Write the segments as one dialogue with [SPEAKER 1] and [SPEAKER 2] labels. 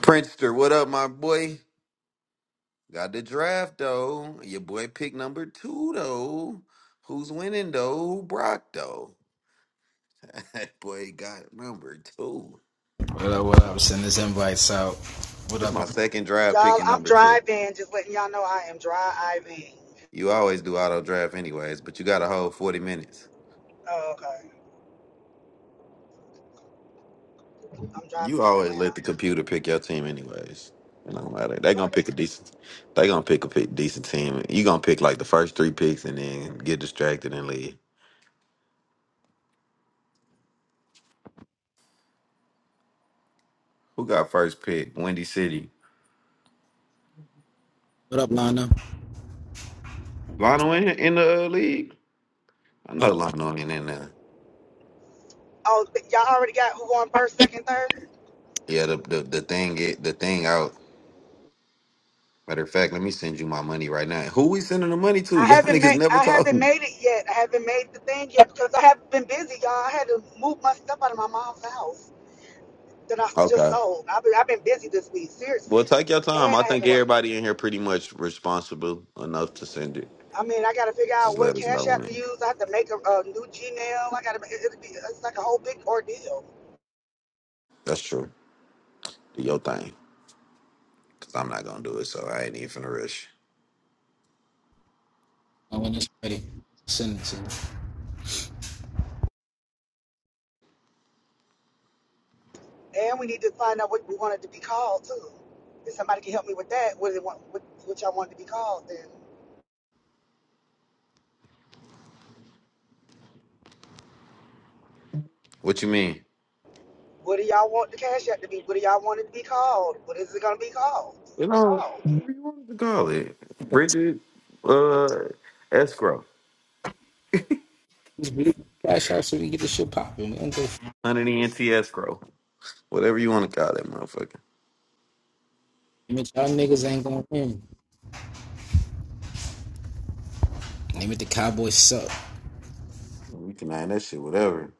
[SPEAKER 1] Prankster, what up, my boy? Got the draft though. Your boy picked number two though. Who's winning though? Brock though. That boy got number two.
[SPEAKER 2] What up, what up? Send this invites out. What
[SPEAKER 1] It's my
[SPEAKER 2] up?
[SPEAKER 1] second draft
[SPEAKER 3] Y'all,
[SPEAKER 1] picking
[SPEAKER 3] I'm
[SPEAKER 1] number two.
[SPEAKER 3] driving. Just letting y'all know I am driving.
[SPEAKER 1] You always do auto draft anyways, but you got a whole forty minutes.
[SPEAKER 3] Oh, okay. I'm driving
[SPEAKER 1] You
[SPEAKER 3] from
[SPEAKER 1] always
[SPEAKER 3] Atlanta.
[SPEAKER 1] let the computer pick your team anyways. It don't matter. They
[SPEAKER 3] No,
[SPEAKER 1] gonna
[SPEAKER 3] I don't.
[SPEAKER 1] pick a decent. They gonna pick a pick decent team. You gonna pick like the first three picks and then get distracted and leave. Who got first pick? Windy City.
[SPEAKER 2] What up, Lana?
[SPEAKER 1] Lionel in, in the uh, league. I know
[SPEAKER 2] Up.
[SPEAKER 1] Lionel ain't in there.
[SPEAKER 3] Oh, but y'all already got who on first, second, third.
[SPEAKER 1] Yeah, the the, the thing it, the thing out. Matter of fact, let me send you my money right now. Who we sending the money to?
[SPEAKER 3] I
[SPEAKER 1] Y'all
[SPEAKER 3] haven't
[SPEAKER 1] niggas
[SPEAKER 3] made.
[SPEAKER 1] never
[SPEAKER 3] I
[SPEAKER 1] talk.
[SPEAKER 3] haven't made it yet. I haven't made the thing yet because I haven't been busy, y'all. I had to move my stuff out of my mom's house that I just
[SPEAKER 1] Okay.
[SPEAKER 3] sold. I've been, I've been busy this week,
[SPEAKER 1] Well,
[SPEAKER 3] seriously,
[SPEAKER 1] take your time. I
[SPEAKER 3] and I had
[SPEAKER 1] think
[SPEAKER 3] to work.
[SPEAKER 1] everybody in here pretty much responsible enough to send it.
[SPEAKER 3] I mean, I got to figure out
[SPEAKER 1] Just
[SPEAKER 3] what
[SPEAKER 1] let us know
[SPEAKER 3] cash app to
[SPEAKER 1] when.
[SPEAKER 3] use. I have to make a, a new Gmail. I got to. It'll be. It's like a whole big ordeal.
[SPEAKER 1] That's true. Do your thing, cause I'm not gonna do it. So I ain't even finna rush.
[SPEAKER 2] Oh, when it's ready, send it to
[SPEAKER 3] And we need to find out what we want it to be called too. If somebody can help me with that, what do they want what, what y'all want it to be called then?
[SPEAKER 1] What you mean?
[SPEAKER 3] What do y'all want the cash app to be? What do y'all want it to be called? What is it gonna be called?
[SPEAKER 1] You know, what you want to call it?
[SPEAKER 2] me.
[SPEAKER 1] Bridget, uh, escrow,
[SPEAKER 2] This big cash out so we can get this shit popping. We don't go for it.
[SPEAKER 1] hundred ENT escrow, whatever you want to call that motherfucker.
[SPEAKER 2] Y'all niggas ain't gonna win. Name it the Cowboys suck.
[SPEAKER 1] We can name that shit whatever.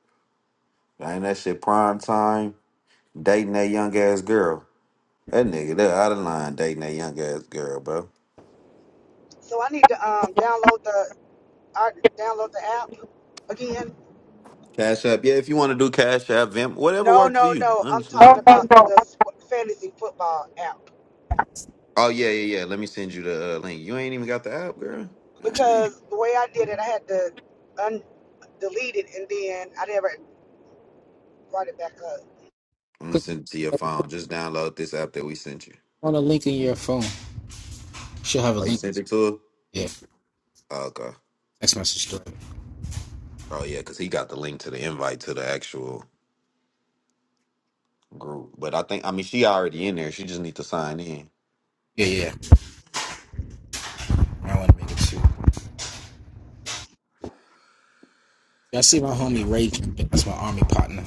[SPEAKER 1] Ain't that shit prime time dating that young ass girl. That nigga, that out of line dating that young ass girl, bro.
[SPEAKER 3] So I need to um download the I download the app again.
[SPEAKER 1] Cash app, yeah. If you want to do cash app, Vim, whatever
[SPEAKER 3] No,
[SPEAKER 1] works for
[SPEAKER 3] no,
[SPEAKER 1] you,
[SPEAKER 3] no. I'm
[SPEAKER 1] honestly.
[SPEAKER 2] No,
[SPEAKER 3] talking about
[SPEAKER 2] no, no.
[SPEAKER 3] the s- fantasy football app
[SPEAKER 1] Oh yeah, yeah, yeah. Let me send you the uh, link. You ain't even got the app, girl. God dang.
[SPEAKER 3] because the way I did it, I had to un- delete it and then I never brought it back up.
[SPEAKER 1] I'm gonna
[SPEAKER 2] Click
[SPEAKER 1] send it to your phone. Just download this app that we sent you.
[SPEAKER 2] on a link in your phone. She'll have a
[SPEAKER 1] Oh, you
[SPEAKER 2] link.
[SPEAKER 1] sent it to her?
[SPEAKER 2] Yeah,
[SPEAKER 1] Oh, okay.
[SPEAKER 2] text message to
[SPEAKER 1] Oh yeah, cause he got the link to the invite to the actual group. But I think I mean she already in there. She just need to sign in.
[SPEAKER 2] Yeah, yeah. I want to make it too. Y'all see my homie Ray? That's my army partner.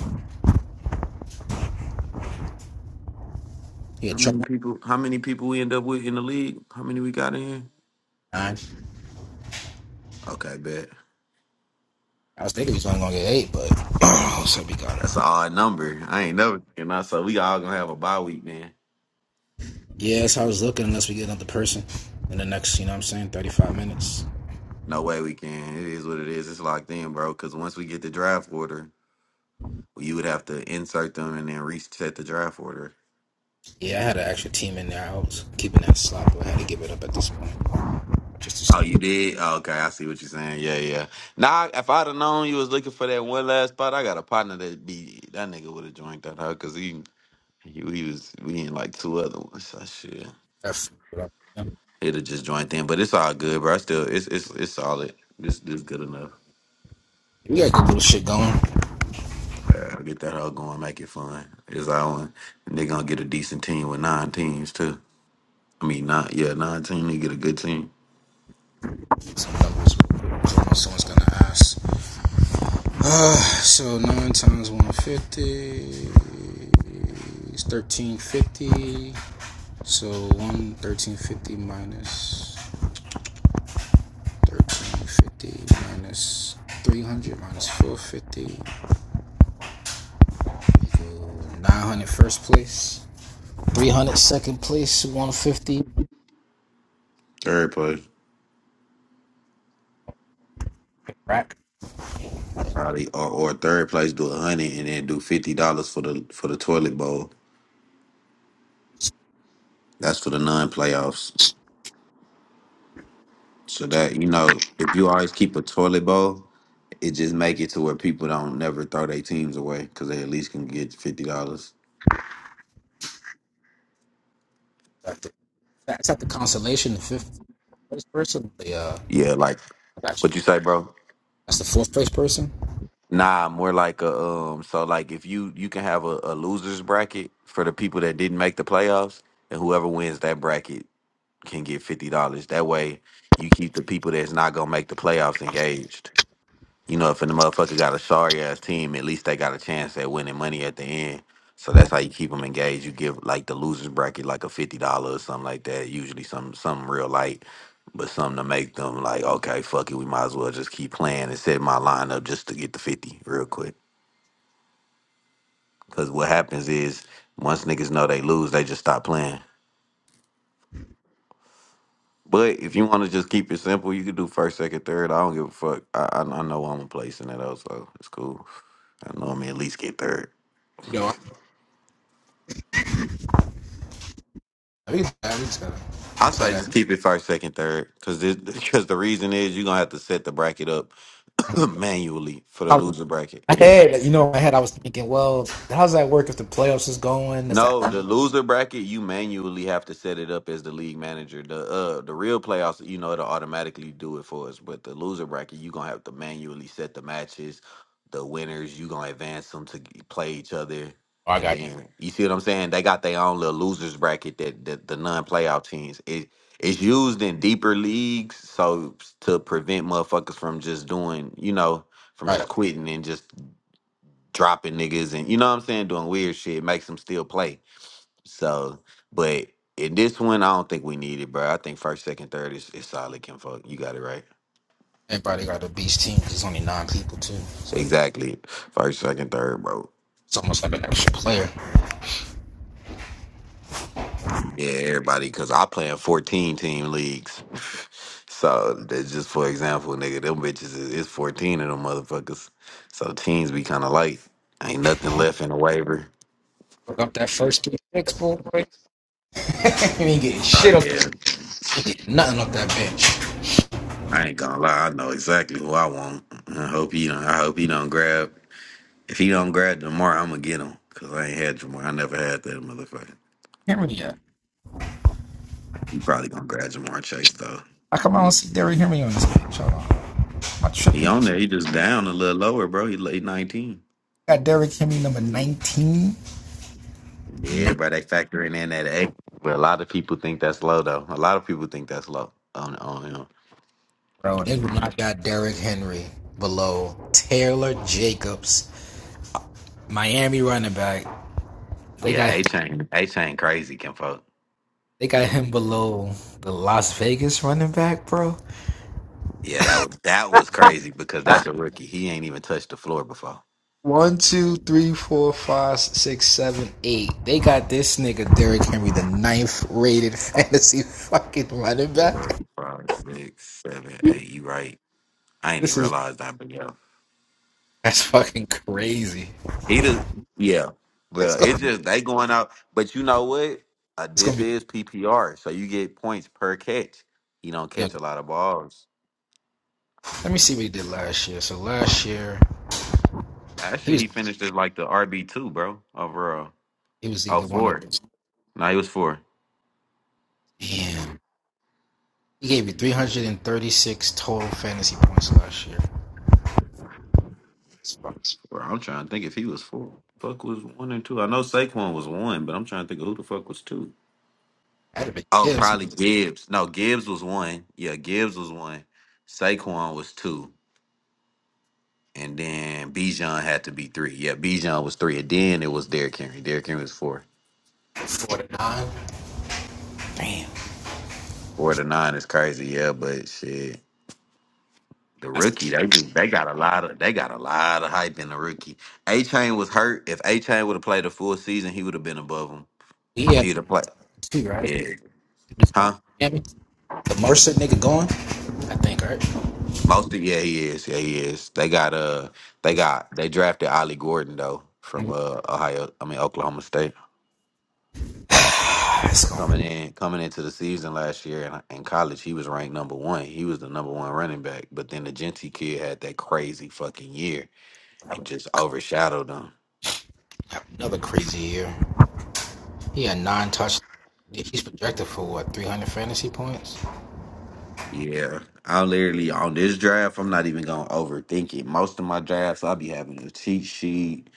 [SPEAKER 2] He a
[SPEAKER 1] How
[SPEAKER 2] truck
[SPEAKER 1] many people? How many people we end up with in the league? How many we got in here?
[SPEAKER 2] nine.
[SPEAKER 1] Okay, bet.
[SPEAKER 2] I was thinking he was only gonna get eight, but oh, so we got him.
[SPEAKER 1] That's an odd number. I ain't never. And I so we all gonna have a bye week then.
[SPEAKER 2] Yeah, that's how I was looking, unless we get another person in the next, you know what I'm saying, 35 minutes.
[SPEAKER 1] No way we can. It is what it is. It's locked in, bro. Because once we get the draft order, well, you would have to insert them and then reset the draft order.
[SPEAKER 2] Yeah, I had an extra team in there. I was keeping that slot, but I had to give it up at this point. Just
[SPEAKER 1] Oh, you
[SPEAKER 2] to
[SPEAKER 1] did? Oh, okay, I see what you're saying. Yeah, yeah. Nah, if I'd have known you was looking for that one last spot, I got a partner that be that nigga would have joined that out because he, he he was we in like two other ones. So shit.
[SPEAKER 2] F it up. Yeah.
[SPEAKER 1] It'll just joint in, but it's all good, bro. I still, it's it's it's solid. This this good enough.
[SPEAKER 2] We got good little shit going.
[SPEAKER 1] Uh, get that all going, make it fun. It's our one. And they gonna get a decent team with nine teams too. I mean, not yeah, nine teams. They get a good team.
[SPEAKER 2] Some numbers I know someone's gonna ask. Uh, so 9 times 150 is 1350. So one 1350 1350 minus 300 minus 450 900 first place, 300 second place, 150
[SPEAKER 1] Third place,
[SPEAKER 2] rack.
[SPEAKER 1] probably, or, or third place do a hundred and then do fifty dollars for the for the toilet bowl. That's for the non-playoffs. So that you know, if you always keep a toilet bowl, it just make it to where people don't never throw their teams away because they at least can get fifty dollars.
[SPEAKER 2] That's at the consolation, the fifth place person. The uh,
[SPEAKER 1] Yeah, like
[SPEAKER 2] I got you.
[SPEAKER 1] what you say, bro?
[SPEAKER 2] That's the fourth place person.
[SPEAKER 1] Nah, more like a um. So like, if you you can have a, a losers bracket for the people that didn't make the playoffs, and whoever wins that bracket can get fifty dollars. That way, you keep the people that's not gonna make the playoffs engaged. You know, if a motherfucker got a sorry ass team, at least they got a chance at winning money at the end. So that's how you keep them engaged. You give like the losers bracket like a fifty dollars or something like that. Usually some some real light, but something to make them like, okay, fuck it, we might as well just keep playing and set my lineup just to get the fifty real quick. Cause what happens is once niggas know they lose, they just stop playing. But if you want to just keep it simple, you can do first, second, third. I don't give a fuck. I I, I know I'm a place in it though, so it's cool. I know I'm at least get third.
[SPEAKER 2] You know, I mean, I mean, we
[SPEAKER 1] I
[SPEAKER 2] play
[SPEAKER 1] say
[SPEAKER 2] that.
[SPEAKER 1] just keep it first, second, third. Because Cause this, cause the reason is you're gonna have to set the bracket up manually for the
[SPEAKER 2] I
[SPEAKER 1] loser bracket.
[SPEAKER 2] I had, you know, in my head, I was thinking, well, how's that work if the playoffs is going? Is that?
[SPEAKER 1] No,
[SPEAKER 2] Oh,
[SPEAKER 1] the loser bracket you manually have to set it up as the league manager. The uh the real playoffs, you know, it'll automatically do it for us. But the loser bracket, you gonna have to manually set the matches, the winners. You gonna advance them to g- play each other,
[SPEAKER 2] I
[SPEAKER 1] and
[SPEAKER 2] got you.
[SPEAKER 1] then you see what I'm saying. They got their own little losers bracket that, that the non-playoff teams. It it's used in deeper leagues, so to prevent motherfuckers from just doing, you know, from just
[SPEAKER 2] right.
[SPEAKER 1] quitting and just dropping niggas, and you know what I'm saying, doing weird shit. Makes them still play. So, but in this one, I don't think we need it, bro. I think first, second, third is, is solid. Can fuck. You got it right.
[SPEAKER 2] Everybody got a beast team. There's only nine people too, so
[SPEAKER 1] Exactly. First, second, third, bro.
[SPEAKER 2] it's almost like an extra player.
[SPEAKER 1] Yeah, everybody. Cause I play in fourteen team leagues. so that's just for example, nigga. Them bitches is, is fourteen of them motherfuckers. So teams be kind of light. Ain't nothing left in the waiver.
[SPEAKER 2] Look up that first three picks, boy. You ain't getting
[SPEAKER 1] Oh
[SPEAKER 2] shit up.
[SPEAKER 1] yeah.
[SPEAKER 2] Get nothing off that bitch.
[SPEAKER 1] I ain't gonna lie. I know exactly who I want. I hope he don't. I hope he don't grab. If he don't grab Jamar, I'm gonna get him because I ain't had Jamar. I never had that motherfucker.
[SPEAKER 2] Hear me yet?
[SPEAKER 1] He probably gonna grab Jamar Chase though.
[SPEAKER 2] How come I don't see Derrick Henry on this bitch? Hold on. Am I
[SPEAKER 1] He
[SPEAKER 2] tripping?
[SPEAKER 1] on there. He just down a little lower, bro. He late 19.
[SPEAKER 2] Got Derrick Henry number 19?
[SPEAKER 1] Yeah, bro. They factoring in that A. But a lot of people think that's low though. A lot of people think that's low on on him.
[SPEAKER 2] Bro, they would not got Derrick Henry below Taylor Jacobs, Miami running back. They
[SPEAKER 1] Yeah,
[SPEAKER 2] got
[SPEAKER 1] A chain, A chain, crazy, kinfolk.
[SPEAKER 2] they got him below the Las Vegas running back, bro.
[SPEAKER 1] Yeah, that was that was crazy because that's a rookie. He ain't even touched the floor before.
[SPEAKER 2] One, two, three, four, five, six, seven, eight. They got this nigga Derrick Henry, the ninth rated fantasy fucking running back.
[SPEAKER 1] Four, five, six, seven, eight. You right. I ain't even
[SPEAKER 2] This is
[SPEAKER 1] realized that.
[SPEAKER 2] that's fucking crazy.
[SPEAKER 1] Either yeah. Well, it's just they going out. But you know what? Uh,
[SPEAKER 2] it's gonna
[SPEAKER 1] this
[SPEAKER 2] be
[SPEAKER 1] is PPR, so you get points per catch. You don't
[SPEAKER 2] you know.
[SPEAKER 1] catch a lot of balls.
[SPEAKER 2] Let me see what he did last year. So last year he
[SPEAKER 1] Actually,
[SPEAKER 2] was
[SPEAKER 1] he finished as like the RB two, bro. Overall,
[SPEAKER 2] he was
[SPEAKER 1] oh
[SPEAKER 2] either one of
[SPEAKER 1] four. No, he was four.
[SPEAKER 2] damn. He gave you 336 total fantasy points last year. It's fucking-
[SPEAKER 1] Bro, I'm trying to think if he was four. Fuck was one and two. I know Saquon was one, but I'm trying to think of who the fuck was two.
[SPEAKER 2] That'd have been
[SPEAKER 1] Oh,
[SPEAKER 2] yeah,
[SPEAKER 1] probably Gibbs. No, Gibbs was one. Yeah, Gibbs was one. Saquon was two. and then Bijan had to be three. Yeah, Bijan was three, and then it was Derrick Henry. Derrick Henry was four.
[SPEAKER 2] 49. Damn.
[SPEAKER 1] Four to nine is crazy. Yeah, but shit, the rookie they they got a lot of they got a lot of hype in the rookie. A Chain was hurt. If A Chain would have played the full season, he would have been above him.
[SPEAKER 2] He
[SPEAKER 1] If
[SPEAKER 2] had
[SPEAKER 1] he'd have played,
[SPEAKER 2] two, right?
[SPEAKER 1] yeah, huh?
[SPEAKER 2] Yeah, I mean, the Mercer nigga gone, I think, right?
[SPEAKER 1] Most of yeah, he is. Yeah, he is. They got uh, they got they drafted Ollie Gordon though from uh Ohio. I mean Oklahoma State.
[SPEAKER 2] it's
[SPEAKER 1] coming
[SPEAKER 2] gonna
[SPEAKER 1] in coming into the season last year in, in college he was ranked number one he was the number one running back but then the Gentry kid had that crazy fucking year and just overshadowed him
[SPEAKER 2] have another crazy year. He had nine touch. He's projected for what 300 fantasy points.
[SPEAKER 1] yeah i literally on this draft i'm not even gonna overthink it most of my drafts i'll be having a cheat sheet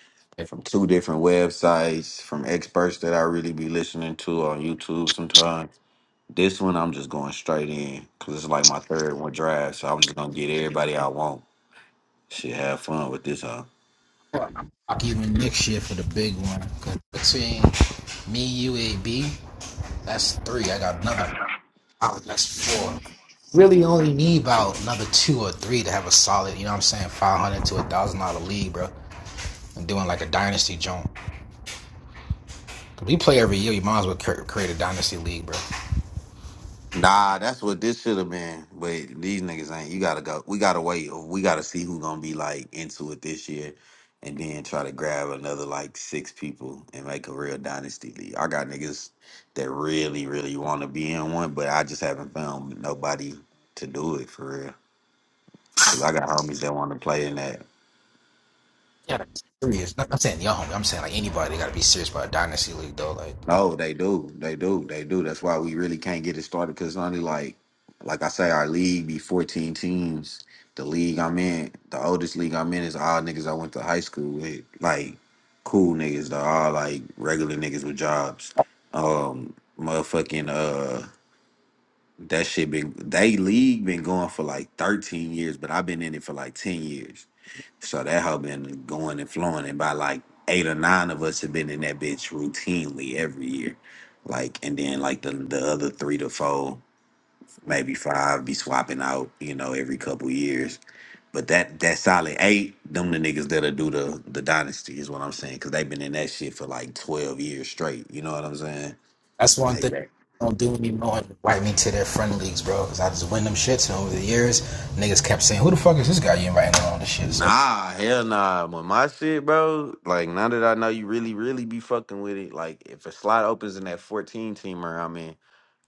[SPEAKER 1] from two different websites from experts that i really be listening to on youtube sometimes this one i'm just going straight in because it's like my third one draft so i'm just gonna get everybody i want should have fun with this uh,
[SPEAKER 2] I'm Talk even next year for the big one. 'Cause between me, you, AB, that's three. I got another. oh, That's four. Really, only need about another two or three to have a solid. You know what I'm saying? Five hundred to a thousand dollar league, bro. And doing like a dynasty joint. 'Cause we play every year. You might as well create a dynasty league, bro.
[SPEAKER 1] Nah, that's what this should have been. But these niggas ain't. You gotta go. We gotta wait. We gotta see who gonna be like into it this year, and then try to grab another like six people and make a real dynasty league. I got niggas that really, really want to be in one, but I just haven't found nobody to do it for real. Cause I got homies that want to play in that.
[SPEAKER 2] Yeah, serious. I'm saying y'all. I'm saying like anybody got to be serious about a dynasty league though. Like.
[SPEAKER 1] No, they do. They do. They do. That's why we really can't get it started because only like, like I say, our league be 14 teams. The league I'm in, the oldest league I'm in is all niggas I went to high school with. Like, cool niggas. They're all like regular niggas with jobs. Um, motherfucking, uh, that shit been, they league been going for like 13 years, but I've been in it for like 10 years. So that hoe been going and flowing, and by like eight or nine of us have been in that bitch routinely every year. Like, and then like the the other three to four, maybe five, be swapping out, you know, every couple years. But that that solid eight, them the niggas that'll do the the dynasty is what I'm saying, because they've been in that shit for like twelve years straight. You know what I'm saying?
[SPEAKER 2] That's one
[SPEAKER 1] Like
[SPEAKER 2] thing
[SPEAKER 1] that.
[SPEAKER 2] don't do anymore. Invite me to their friend leagues, bro, because I just win them shits. And over the years, niggas kept saying, "Who the fuck is this guy you inviting on all this shit?" So
[SPEAKER 1] Nah, hell nah. When my shit, bro, like now that I know you really, really be fucking with it, like if a slot opens in that 14 teamer, I'm in.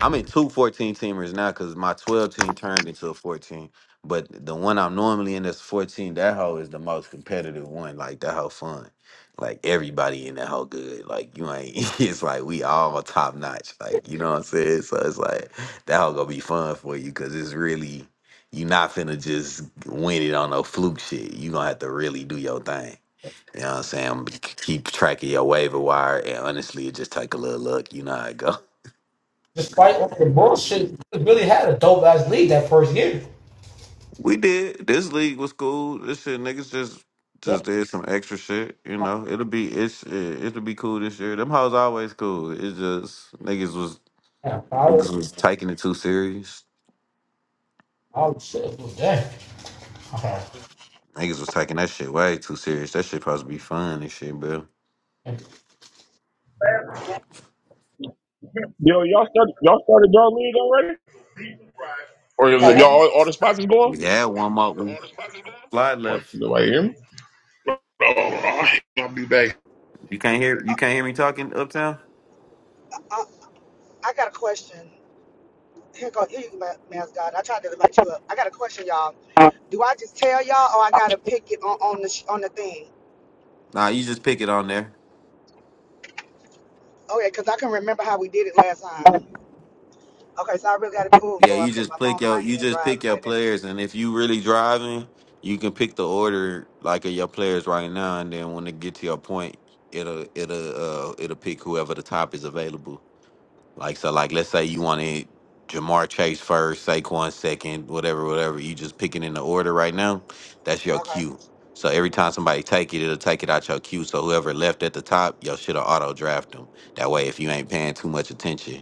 [SPEAKER 1] I'm in two 14 teamers now because my 12 team turned into a 14. But the one I'm normally in that's 14, that hoe is the most competitive one. Like that hoe fun. Like everybody in that hoe good. Like you ain't it's like we all top notch. Like, you know what I'm saying? So it's like that hoe gonna be fun for you because it's really you not finna just win it on no fluke shit. You gonna have to really do your thing. You know what I'm saying? Keep track of your waiver wire, and honestly, it just take a little look. You know how it go.
[SPEAKER 2] just fight over it. Yeah,
[SPEAKER 1] We did. This league was cool. This shit, niggas just just did some extra shit. You know, it'll be it's it, it'll be cool this year. Them hoes always cool. It's just niggas was
[SPEAKER 2] I
[SPEAKER 1] niggas was taking it too serious.
[SPEAKER 2] oh shit, it Okay.
[SPEAKER 1] Niggas was taking that shit way too serious. That shit supposed to be fun and shit, bro.
[SPEAKER 4] Yo, y'all started y'all started y'all league already? Or is it y'all all, all the spots is going?
[SPEAKER 1] We had one more one slide
[SPEAKER 4] Or
[SPEAKER 1] left.
[SPEAKER 4] nobody hear me? I'll be back.
[SPEAKER 1] You can't hear you can't hear me talking uptown.
[SPEAKER 3] I, I got a question. Here go, here you go, mascot. I tried to invite you up. I got a question, y'all. Do I just tell y'all, or I gotta pick it on, on the sh- on the thing?
[SPEAKER 1] Nah, you just pick it on there.
[SPEAKER 3] Okay, cause I can remember how we did it last time. Okay, so I really gotta. Oh
[SPEAKER 1] Yeah,
[SPEAKER 3] Lord,
[SPEAKER 1] you
[SPEAKER 3] I'm hitting
[SPEAKER 1] just
[SPEAKER 3] my phone
[SPEAKER 1] pick
[SPEAKER 3] in
[SPEAKER 1] your
[SPEAKER 3] my
[SPEAKER 1] you
[SPEAKER 3] hand,
[SPEAKER 1] just pick
[SPEAKER 3] driving
[SPEAKER 1] your
[SPEAKER 3] like that.
[SPEAKER 1] players, and if you really driving, you can pick the order like of your players right now, and then when it get to your point, it'll it'll uh it'll pick whoever the top is available. Like so, like let's say you wanted Jamar Chase first, Saquon second, whatever, whatever. You just picking in the order right now. That's your
[SPEAKER 3] Okay,
[SPEAKER 1] cue. So every time somebody take it, it'll take it out your queue. So whoever left at the top, your shit'll auto draft them. That way, if you ain't paying too much attention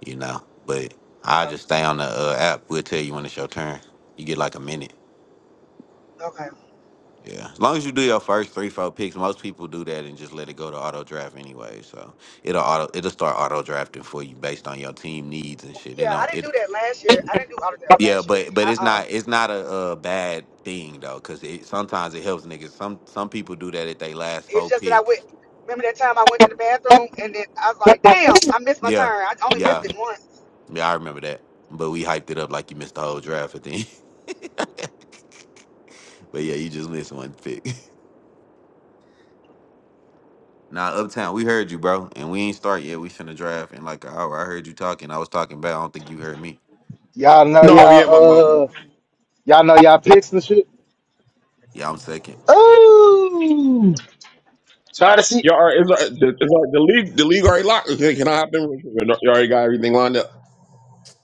[SPEAKER 1] you know. But I
[SPEAKER 3] okay,
[SPEAKER 1] just stay on the uh, app. We'll tell you when it's your turn. You get like a minute.
[SPEAKER 3] okay.
[SPEAKER 1] Yeah, as long as you do your first three, four picks, most people do that and just let it go to auto draft anyway. So it'll auto, it'll start auto drafting for you based on your team needs and shit. You
[SPEAKER 3] Yeah,
[SPEAKER 1] know,
[SPEAKER 3] I didn't
[SPEAKER 1] it,
[SPEAKER 3] do that last year. I didn't do all of that
[SPEAKER 1] yeah,
[SPEAKER 3] last year.
[SPEAKER 1] but but
[SPEAKER 3] I,
[SPEAKER 1] it's
[SPEAKER 3] um,
[SPEAKER 1] not it's not a, uh bad thing though, cause it sometimes it helps niggas. Some some people do that at they last
[SPEAKER 3] it's
[SPEAKER 1] four
[SPEAKER 3] just that I went.
[SPEAKER 1] picks.
[SPEAKER 3] Remember that time I went to the bathroom and then I was like, damn, I missed my turn.
[SPEAKER 1] Yeah,
[SPEAKER 3] I only missed
[SPEAKER 1] yeah,
[SPEAKER 3] it once.
[SPEAKER 1] yeah. I remember that. But we hyped it up like you missed the whole draft at the end. but yeah, you just missed one pick. Nah, Uptown, we heard you, bro. And we ain't start yet. We finna draft in like an hour. I heard you talking. I was talking back. I don't think you heard me.
[SPEAKER 5] Y'all know
[SPEAKER 4] No, yeah,
[SPEAKER 5] y'all
[SPEAKER 4] my my. my-
[SPEAKER 5] uh y'all know y'all picks and shit.
[SPEAKER 1] Yeah, I'm second.
[SPEAKER 5] Ooh, try to see.
[SPEAKER 4] Y'all are, is, uh, the, is uh, the league the league already locked? Okay, Can I hop in? real quick? Y'all already got everything lined up.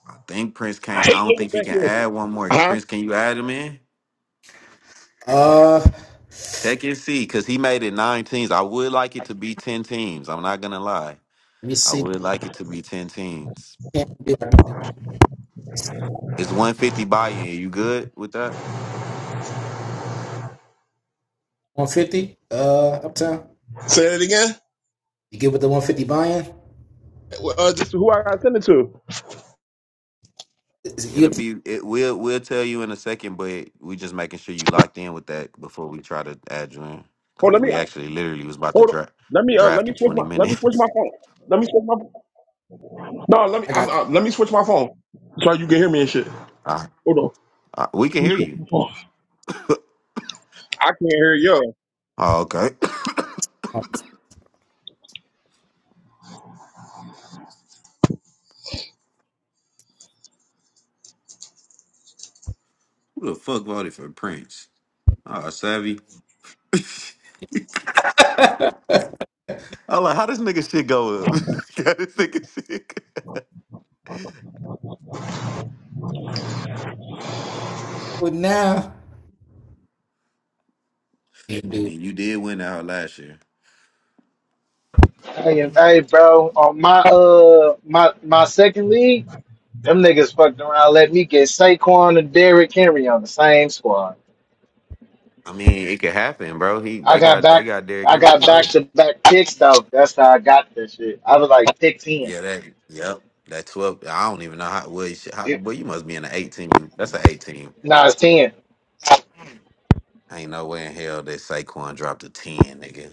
[SPEAKER 1] I think Prince
[SPEAKER 4] I
[SPEAKER 1] can't. I
[SPEAKER 4] hate
[SPEAKER 1] don't
[SPEAKER 4] looking
[SPEAKER 1] think he
[SPEAKER 4] back
[SPEAKER 1] can
[SPEAKER 4] here.
[SPEAKER 1] add one more.
[SPEAKER 4] Huh?
[SPEAKER 1] Prince, can you add him in?
[SPEAKER 2] Uh,
[SPEAKER 1] Check and see, because he made it nine teams. I would like it to be 10 teams. I'm not gonna lie.
[SPEAKER 2] let me
[SPEAKER 1] I
[SPEAKER 2] see.
[SPEAKER 1] would like it to be 10 teams.
[SPEAKER 2] Can't be
[SPEAKER 1] It's 150 buy in. You good with that?
[SPEAKER 2] 150. Uh, uptown.
[SPEAKER 4] Say that again.
[SPEAKER 2] You get with the 150 buying?
[SPEAKER 4] Uh, just who I gotta send it to?
[SPEAKER 2] Is it
[SPEAKER 1] It'll
[SPEAKER 2] you?
[SPEAKER 1] be it will we'll tell you in a second, but we just making sure you locked in with that before we try to add you in.
[SPEAKER 4] Hold,
[SPEAKER 1] Cause
[SPEAKER 4] let me
[SPEAKER 1] we actually literally was about to
[SPEAKER 4] hold. on.
[SPEAKER 1] draft
[SPEAKER 4] Let me uh, let
[SPEAKER 1] draft
[SPEAKER 4] me
[SPEAKER 1] in
[SPEAKER 4] switch
[SPEAKER 1] twenty
[SPEAKER 4] my let me switch
[SPEAKER 1] minutes.
[SPEAKER 4] my phone. Let me switch my no. Let me
[SPEAKER 2] I
[SPEAKER 4] I'm,
[SPEAKER 2] got it
[SPEAKER 4] uh, let me switch my phone so you can hear me and shit.
[SPEAKER 1] I,
[SPEAKER 4] Hold on. Let
[SPEAKER 1] I, we can
[SPEAKER 4] me
[SPEAKER 1] hear
[SPEAKER 4] switch
[SPEAKER 1] you.
[SPEAKER 4] my phone. I can't hear you.
[SPEAKER 1] Oh, okay. Who the fuck voted for Prince? Oh, savvy. I like how this nigga shit go up. how this nigga shit. go-
[SPEAKER 2] now. You
[SPEAKER 1] I
[SPEAKER 2] do.
[SPEAKER 1] mean, you did win out last year.
[SPEAKER 5] Hey, hey, bro, on my uh my my second league, them niggas fucked around. Let me get Saquon and Derrick Henry on the same squad.
[SPEAKER 1] I mean, it could happen, bro. He
[SPEAKER 5] I
[SPEAKER 1] they
[SPEAKER 5] got
[SPEAKER 1] got they
[SPEAKER 5] back.
[SPEAKER 1] got Derrick
[SPEAKER 5] I
[SPEAKER 1] Henry.
[SPEAKER 5] got back to back picks though. That's how I got this shit. I was like pick ten.
[SPEAKER 1] Yeah, that. Yep, that twelve. I don't even know how. Well, you, should, how,
[SPEAKER 5] It-
[SPEAKER 1] well, you must be in the eighteen. That's an eighteen.
[SPEAKER 5] Nah, it's ten.
[SPEAKER 1] Ain't no way in hell that Saquon dropped a ten, nigga.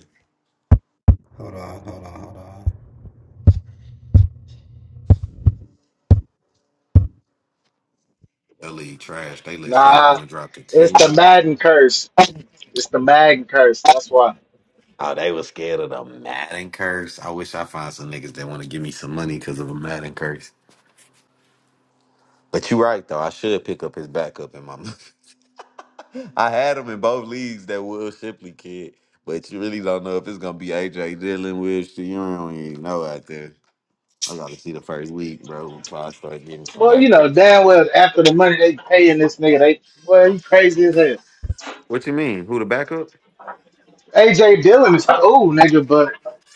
[SPEAKER 2] Hold on, hold on, hold on.
[SPEAKER 1] That league trash. They let
[SPEAKER 5] Nah,
[SPEAKER 1] Saquon drop to
[SPEAKER 5] it's the
[SPEAKER 1] ten.
[SPEAKER 5] Madden curse. It's the Madden curse. That's why.
[SPEAKER 1] Oh, they was scared of the Madden curse. I wish I find some niggas that want to give me some money because of a Madden curse. But you right though. I should pick up his backup in my. I had him in both leagues. That Will Shipley kid. But you really don't know if it's gonna be AJ Dillon, Will. Sh- You don't even know out there. I gotta see the first week, bro, before I start getting some
[SPEAKER 5] Well, you
[SPEAKER 1] backup.
[SPEAKER 5] know, damn well after the money they paying this nigga, they well he crazy as hell.
[SPEAKER 1] What you mean? Who the backup?
[SPEAKER 5] AJ Dillon is cool, nigga, but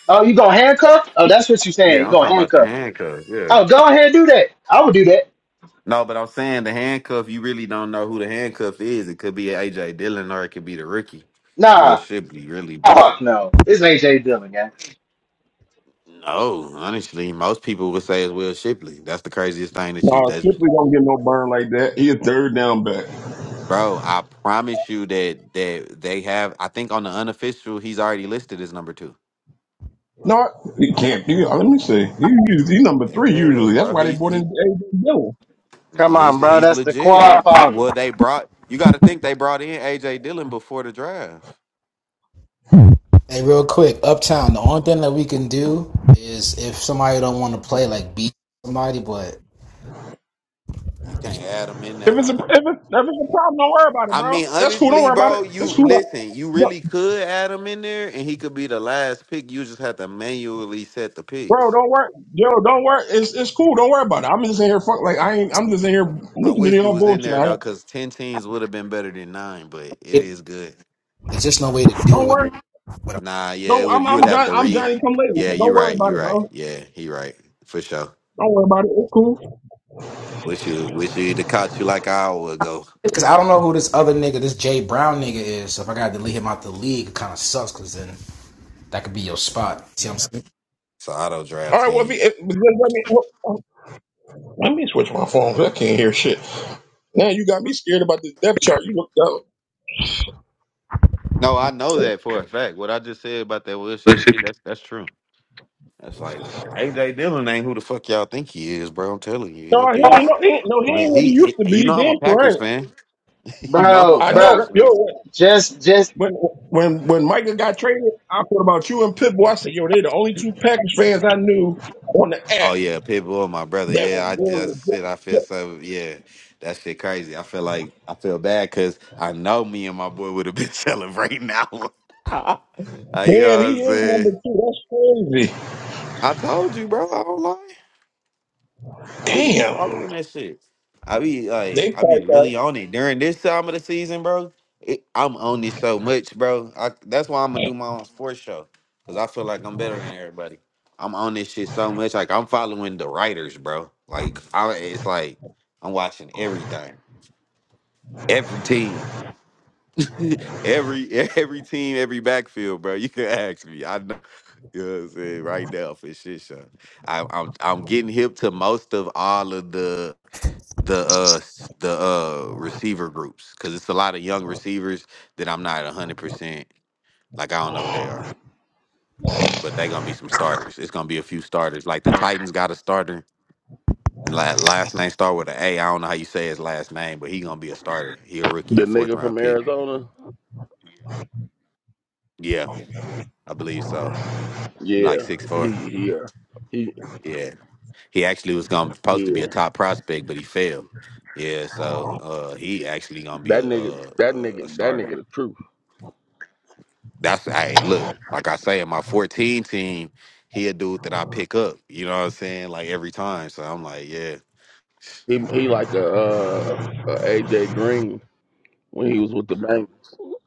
[SPEAKER 5] oh you gonna handcuff? Oh that's what you saying.
[SPEAKER 1] Yeah,
[SPEAKER 5] You
[SPEAKER 1] I'm talking
[SPEAKER 5] gonna
[SPEAKER 1] about the
[SPEAKER 5] handcuff.
[SPEAKER 1] handcuff. Yeah.
[SPEAKER 5] Oh go ahead and do that. I would do that.
[SPEAKER 1] No, but I'm saying the handcuff, you really don't know who the handcuff is. It could be AJ Dillon or it could be the rookie. Will
[SPEAKER 5] Nah,
[SPEAKER 1] Shipley, really. That's
[SPEAKER 5] fuck no. It's AJ Dillon, gang.
[SPEAKER 1] no, honestly, most people would say it's Will Shipley. That's the craziest thing that you
[SPEAKER 4] No,
[SPEAKER 1] that's
[SPEAKER 4] Slippery don't get no burn like that. He a third down back.
[SPEAKER 1] bro, I promise you that that they have I think on the unofficial he's already listed as number two.
[SPEAKER 4] No, he can't be. uh, Let me see. He, he's, he's number three
[SPEAKER 1] Yeah,
[SPEAKER 4] usually. That's
[SPEAKER 1] bro.
[SPEAKER 4] why they
[SPEAKER 1] He's
[SPEAKER 4] brought
[SPEAKER 1] he
[SPEAKER 4] in A.J. Dillon.
[SPEAKER 1] No,
[SPEAKER 5] Come
[SPEAKER 1] he's
[SPEAKER 5] on, bro.
[SPEAKER 1] he's
[SPEAKER 5] That's the
[SPEAKER 1] legit.
[SPEAKER 5] quad
[SPEAKER 1] He
[SPEAKER 5] father.
[SPEAKER 1] well, they brought you got to think they brought in AJ Dillon before the draft.
[SPEAKER 2] Hey, real quick, Uptown. The only thing that we can do is if somebody don't want to play, like beat somebody, but
[SPEAKER 1] You can't add him in
[SPEAKER 4] If
[SPEAKER 1] there,
[SPEAKER 4] it's a if
[SPEAKER 1] huh?
[SPEAKER 4] it's, if it's a problem, don't worry about it,
[SPEAKER 1] I mean,
[SPEAKER 4] bro. That's cool. Don't
[SPEAKER 1] honestly,
[SPEAKER 4] worry about it.
[SPEAKER 1] bro, you
[SPEAKER 4] It's cool.
[SPEAKER 1] listen. You
[SPEAKER 4] No,
[SPEAKER 1] really could add him in there, and he could be the last pick. You just have to manually set the
[SPEAKER 4] Bro,
[SPEAKER 1] picks.
[SPEAKER 4] don't worry, yo. Don't worry. It's it's cool. Don't worry about it. I'm just in here. Fuck, like I ain't. I'm just in here
[SPEAKER 1] I
[SPEAKER 4] listening to
[SPEAKER 1] wish you
[SPEAKER 4] y'all
[SPEAKER 1] was in
[SPEAKER 4] bullshit. all
[SPEAKER 1] there though,
[SPEAKER 4] right?
[SPEAKER 1] because ten teams would have been better than nine. But it
[SPEAKER 2] it-
[SPEAKER 1] is good.
[SPEAKER 2] it's just no way to
[SPEAKER 4] Don't
[SPEAKER 2] do it.
[SPEAKER 4] worry.
[SPEAKER 1] Nah, yeah, it
[SPEAKER 4] Don't.
[SPEAKER 1] would.
[SPEAKER 4] I'm
[SPEAKER 1] You would
[SPEAKER 4] I'm
[SPEAKER 1] have
[SPEAKER 4] Johnny.
[SPEAKER 1] to
[SPEAKER 4] I'm
[SPEAKER 1] re.
[SPEAKER 4] Johnny. Come later.
[SPEAKER 1] Yeah, you
[SPEAKER 4] Don't worry
[SPEAKER 1] right.
[SPEAKER 4] about
[SPEAKER 1] You
[SPEAKER 4] it,
[SPEAKER 1] right.
[SPEAKER 4] bro.
[SPEAKER 1] Yeah, he right for sure.
[SPEAKER 4] Don't worry about it. It's cool.
[SPEAKER 1] Wish you wish you to have caught you like I would go.
[SPEAKER 2] Because I don't know who this other nigga, this Jay Brown nigga is. So if I gotta delete him out the league, it kind of sucks. Because then that could be your spot. See what
[SPEAKER 1] an auto
[SPEAKER 4] All
[SPEAKER 1] draft
[SPEAKER 4] right. Well, if
[SPEAKER 1] team.
[SPEAKER 4] he, if, just let me oh, oh, let me switch my phone 'cause I can't hear shit. Now you got me scared about this depth chart. You look down.
[SPEAKER 1] No, I know that for a fact. What I just said about that Will
[SPEAKER 2] I'm
[SPEAKER 1] Shipley kid,
[SPEAKER 2] saying?
[SPEAKER 1] that's that's true. That's like AJ Dillon ain't who the fuck y'all think he is, bro. I'm telling you, that
[SPEAKER 4] No, he
[SPEAKER 1] dude
[SPEAKER 4] ain't
[SPEAKER 1] is.
[SPEAKER 4] no, he ain't, no, he
[SPEAKER 1] Like,
[SPEAKER 4] ain't what he
[SPEAKER 1] he,
[SPEAKER 4] used
[SPEAKER 1] he-
[SPEAKER 4] to be.
[SPEAKER 1] you know, I'm a
[SPEAKER 4] Damn
[SPEAKER 1] Packers
[SPEAKER 4] right.
[SPEAKER 1] fan. you know, I'm a
[SPEAKER 5] Bro,
[SPEAKER 4] I know
[SPEAKER 5] bro,
[SPEAKER 1] Packers
[SPEAKER 4] that
[SPEAKER 1] fan.
[SPEAKER 4] yo
[SPEAKER 5] just just
[SPEAKER 4] when when when Micah got traded, I thought about you and Pitbull. I said, yo, they the only two Packers fans I knew on the app
[SPEAKER 1] Oh yeah, Pitbull, my brother.
[SPEAKER 4] that
[SPEAKER 1] Yeah,
[SPEAKER 4] was
[SPEAKER 1] I
[SPEAKER 4] willing
[SPEAKER 1] just
[SPEAKER 4] to
[SPEAKER 1] said I
[SPEAKER 4] get-
[SPEAKER 1] feel so. Yeah, that shit crazy. I feel like I feel bad because I know me and my boy would have been celebrating that one. Uh, you
[SPEAKER 4] Damn,
[SPEAKER 1] know
[SPEAKER 4] he
[SPEAKER 1] what I'm
[SPEAKER 4] is
[SPEAKER 1] saying?
[SPEAKER 4] number two. That's crazy.
[SPEAKER 1] I told you, bro. I don't lie. I really be
[SPEAKER 4] Damn.
[SPEAKER 1] following that shit. I be like,
[SPEAKER 4] They
[SPEAKER 1] I
[SPEAKER 4] probably
[SPEAKER 1] be
[SPEAKER 4] got
[SPEAKER 1] really on it during this time of the season, bro. It, I'm on it so much, bro. I, that's why I'm gonna do my own sports show because I feel like I'm better than everybody. I'm on this shit so much, like I'm following the writers, bro. Like I, it's like I'm watching everything, every team, every every team, every backfield, bro. You can ask me. I know, you know what I'm saying right now for shit show. I, I'm I'm getting hip to most of all of the the uh s- the uh receiver groups because it's a lot of young receivers that I'm not hundred percent like I don't know who they are, but they gonna be some starters. It's gonna be a few starters. Like the Titans got a starter. la- Last name start with an A. I don't know how you say his last name, but he gonna be a starter. He a rookie,
[SPEAKER 6] The
[SPEAKER 1] a fourth
[SPEAKER 6] nigga
[SPEAKER 1] round
[SPEAKER 6] from
[SPEAKER 1] pick.
[SPEAKER 6] Arizona?
[SPEAKER 1] Yeah, I believe so. He like
[SPEAKER 6] Yeah,
[SPEAKER 1] six four.
[SPEAKER 6] he here. He
[SPEAKER 1] Yeah, he actually was gonna supposed to be a
[SPEAKER 6] yeah.
[SPEAKER 1] top prospect, but he failed. Yeah, so uh, he actually gonna be
[SPEAKER 6] That
[SPEAKER 1] a,
[SPEAKER 6] nigga
[SPEAKER 1] a,
[SPEAKER 6] that
[SPEAKER 1] a a
[SPEAKER 6] nigga that
[SPEAKER 1] starter.
[SPEAKER 6] nigga the truth.
[SPEAKER 1] That's hey, look, like I say in my 14 team, he a dude that I pick up. You know what I'm saying? Like every time. So I'm like, yeah.
[SPEAKER 6] He he like a uh a AJ Green when he was with the bang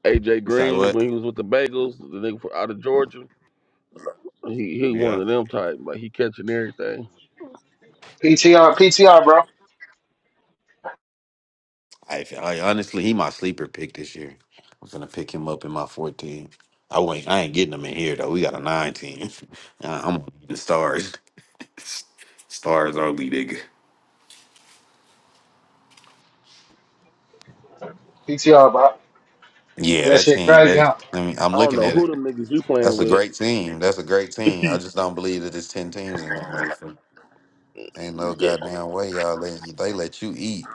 [SPEAKER 6] AJ
[SPEAKER 1] He's like,
[SPEAKER 6] Green
[SPEAKER 1] what?
[SPEAKER 6] when he was with the Bagels, the nigga from out of Georgia. He he one
[SPEAKER 1] Yeah.
[SPEAKER 6] of them type, like he catching everything.
[SPEAKER 5] PTR, PTR, bro.
[SPEAKER 1] I, I honestly he my sleeper pick this year. I'm gonna pick him up in my 14. I ain't I ain't getting him in here though. We got a nine team. Uh, I'm the stars. Stars only nigga.
[SPEAKER 5] PTR, bro.
[SPEAKER 1] Yeah,
[SPEAKER 5] That
[SPEAKER 1] that
[SPEAKER 5] shit
[SPEAKER 1] team.
[SPEAKER 5] crazy,
[SPEAKER 1] That
[SPEAKER 5] huh?
[SPEAKER 1] I mean, I'm
[SPEAKER 6] I don't
[SPEAKER 1] looking
[SPEAKER 6] know
[SPEAKER 1] at
[SPEAKER 6] who
[SPEAKER 1] it.
[SPEAKER 6] them niggas you playing
[SPEAKER 1] That's a
[SPEAKER 6] with.
[SPEAKER 1] great team. That's a great team. I just don't believe that there's ten teams in that motherfucker. Ain't no
[SPEAKER 6] yeah.
[SPEAKER 1] goddamn way y'all let they let you eat.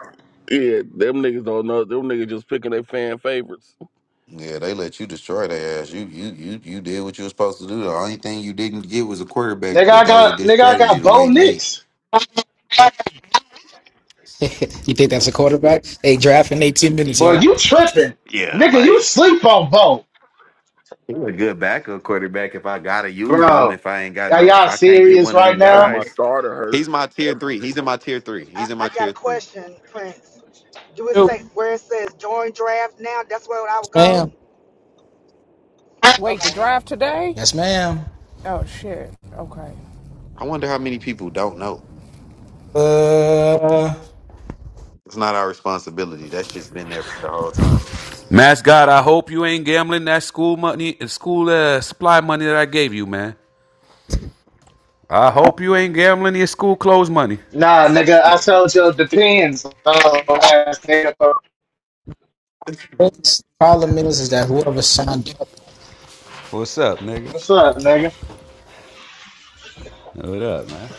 [SPEAKER 6] Yeah, them niggas don't know. Them niggas just picking their fan favorites.
[SPEAKER 1] Yeah, they let you destroy their ass. You you you you did what you were supposed to do. The only thing you didn't get was a quarterback,
[SPEAKER 5] Nigga,
[SPEAKER 1] but
[SPEAKER 5] I
[SPEAKER 1] that was a
[SPEAKER 5] got
[SPEAKER 1] good
[SPEAKER 5] nigga, I
[SPEAKER 1] strategy
[SPEAKER 5] got
[SPEAKER 1] to
[SPEAKER 5] Bo
[SPEAKER 1] wait late.
[SPEAKER 5] Nix.
[SPEAKER 2] you think that's a quarterback? Hey, draft in 18 minutes,
[SPEAKER 5] Boy,
[SPEAKER 2] y'all.
[SPEAKER 5] you tripping.
[SPEAKER 1] Yeah,
[SPEAKER 5] Nigga, you
[SPEAKER 1] like
[SPEAKER 5] sleep on Bo.
[SPEAKER 1] He a good backup quarterback if I gotta use him.
[SPEAKER 5] Bro,
[SPEAKER 1] If I ain't got
[SPEAKER 5] are
[SPEAKER 1] no, if
[SPEAKER 5] y'all
[SPEAKER 1] I can't get
[SPEAKER 5] serious
[SPEAKER 1] one of
[SPEAKER 5] right
[SPEAKER 1] them
[SPEAKER 6] If
[SPEAKER 5] now?
[SPEAKER 6] my
[SPEAKER 1] guys,
[SPEAKER 6] starter
[SPEAKER 1] he's my
[SPEAKER 6] hurt.
[SPEAKER 1] tier three. He's in my tier three.
[SPEAKER 3] I,
[SPEAKER 1] He's in
[SPEAKER 3] I
[SPEAKER 1] my
[SPEAKER 3] got a
[SPEAKER 1] tier three.
[SPEAKER 3] question, Prince. Do it say where it says join draft now? That's where I would
[SPEAKER 2] Yes,
[SPEAKER 3] go.
[SPEAKER 2] ma'am.
[SPEAKER 7] Wait, the
[SPEAKER 3] Okay.
[SPEAKER 7] drive today?
[SPEAKER 2] Yes, ma'am.
[SPEAKER 7] Oh shit. Okay.
[SPEAKER 1] I wonder how many people don't know.
[SPEAKER 2] Uh,
[SPEAKER 1] It's not our responsibility. That shit's been there for the whole time.
[SPEAKER 8] Mass God, I hope you ain't gambling that school money, school uh, supply money that I gave you, man. I hope you ain't gambling your school clothes money.
[SPEAKER 5] Nah, nigga, I told you it depends. So, last nigga,
[SPEAKER 2] next problem is, is that whoever signed
[SPEAKER 8] What's up, nigga?
[SPEAKER 5] What's up, nigga?
[SPEAKER 8] What up, man?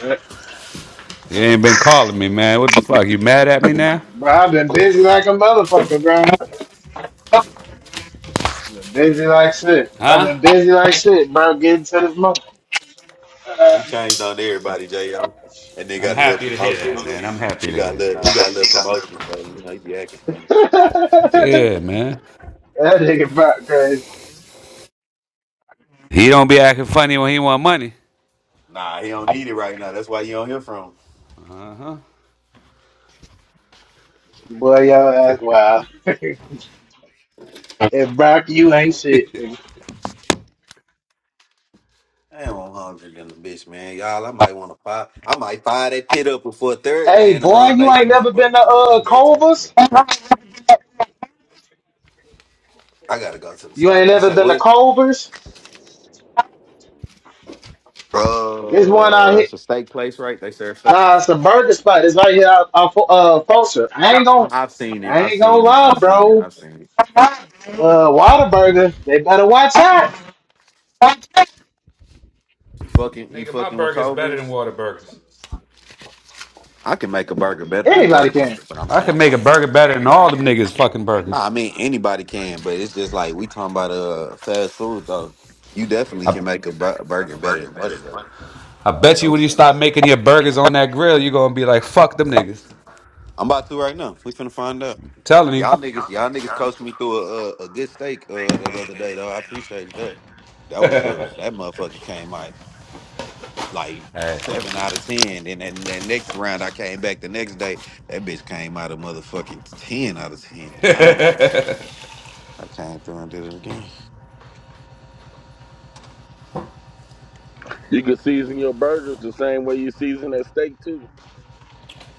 [SPEAKER 8] You ain't been calling me, man. What the fuck? You mad at me
[SPEAKER 2] up.
[SPEAKER 8] now?
[SPEAKER 5] Bro, I've been busy like a motherfucker, bro. Been busy like shit. I've
[SPEAKER 8] Huh?
[SPEAKER 5] been busy like shit, bro. Getting to this month.
[SPEAKER 1] He
[SPEAKER 5] that
[SPEAKER 1] changed on everybody, J.O. And then
[SPEAKER 8] I'm
[SPEAKER 1] got a little
[SPEAKER 8] happy to hear
[SPEAKER 1] promotion.
[SPEAKER 8] that, man. I'm happy
[SPEAKER 1] He
[SPEAKER 8] to
[SPEAKER 1] got a
[SPEAKER 8] hear that.
[SPEAKER 1] little, he got a little promotion, so you know he be acting funny.
[SPEAKER 8] Yeah, man.
[SPEAKER 5] nigga Brock crazy.
[SPEAKER 8] He don't be acting funny when he want money.
[SPEAKER 1] Nah, he don't need it right now. That's why you don't hear from him.
[SPEAKER 8] Uh-huh.
[SPEAKER 5] Boy, your ass wild. and Brock, you ain't shit.
[SPEAKER 1] Damn, I'm hungry than the bitch, man. Y'all, I might want to fire. I might fire that pit up before a third day
[SPEAKER 5] Hey,
[SPEAKER 1] in a row
[SPEAKER 5] boy,
[SPEAKER 1] and
[SPEAKER 5] you
[SPEAKER 1] make some
[SPEAKER 5] ain't never been to
[SPEAKER 1] hamburgers, nigga.
[SPEAKER 5] uh
[SPEAKER 1] I'm that type of nigga.
[SPEAKER 5] Culver's?
[SPEAKER 1] I gotta go to the
[SPEAKER 5] You
[SPEAKER 1] store.
[SPEAKER 5] ain't
[SPEAKER 1] You
[SPEAKER 5] never
[SPEAKER 1] say
[SPEAKER 5] been to
[SPEAKER 1] what?
[SPEAKER 5] Culver's? There's one out
[SPEAKER 1] Uh,
[SPEAKER 5] here.
[SPEAKER 1] it's a steak place, right? They serve steak.
[SPEAKER 5] Nah, it's a burger spot. It's right here out, out Fo- uh Folsom. I ain't gonna
[SPEAKER 1] I- I've seen it.
[SPEAKER 5] I
[SPEAKER 1] I've
[SPEAKER 5] ain't gonna
[SPEAKER 1] seen it. I've
[SPEAKER 5] lie,
[SPEAKER 1] seen it.
[SPEAKER 5] bro.
[SPEAKER 1] I've seen it.
[SPEAKER 5] Uh Whataburger, they better watch out.
[SPEAKER 1] You fucking, you
[SPEAKER 8] Nigga, my
[SPEAKER 1] fucking with
[SPEAKER 8] burger's better than
[SPEAKER 1] Culver's?
[SPEAKER 8] water burgers.
[SPEAKER 1] I can make a burger better than
[SPEAKER 5] Anybody can.
[SPEAKER 1] Whataburger, but I'm
[SPEAKER 8] I can
[SPEAKER 1] saying,
[SPEAKER 8] make
[SPEAKER 1] uh,
[SPEAKER 8] a burger better than all them niggas fucking burgers.
[SPEAKER 1] nah, I mean anybody can, but it's just like we talking about uh fast food though. You definitely
[SPEAKER 8] I,
[SPEAKER 1] can make a bur- burger better than Whataburger.
[SPEAKER 8] I
[SPEAKER 1] I would
[SPEAKER 8] bet you
[SPEAKER 1] hope
[SPEAKER 8] when you
[SPEAKER 1] so.
[SPEAKER 8] start making your burgers on that grill, you're gonna be like, fuck them niggas.
[SPEAKER 1] I'm about to right now. We finna find out.
[SPEAKER 8] Telling you.
[SPEAKER 1] Y'all niggas, y'all niggas coached me through a a, a good steak uh that other day though. I appreciate that. That was uh that motherfucker came out like
[SPEAKER 8] Hey.
[SPEAKER 1] seven out of ten, and then that next round I came back the next day. That bitch came out a motherfucking ten out of ten, nine out of ten. I came through and did it again.
[SPEAKER 6] You can season your burgers the same way you season that steak too.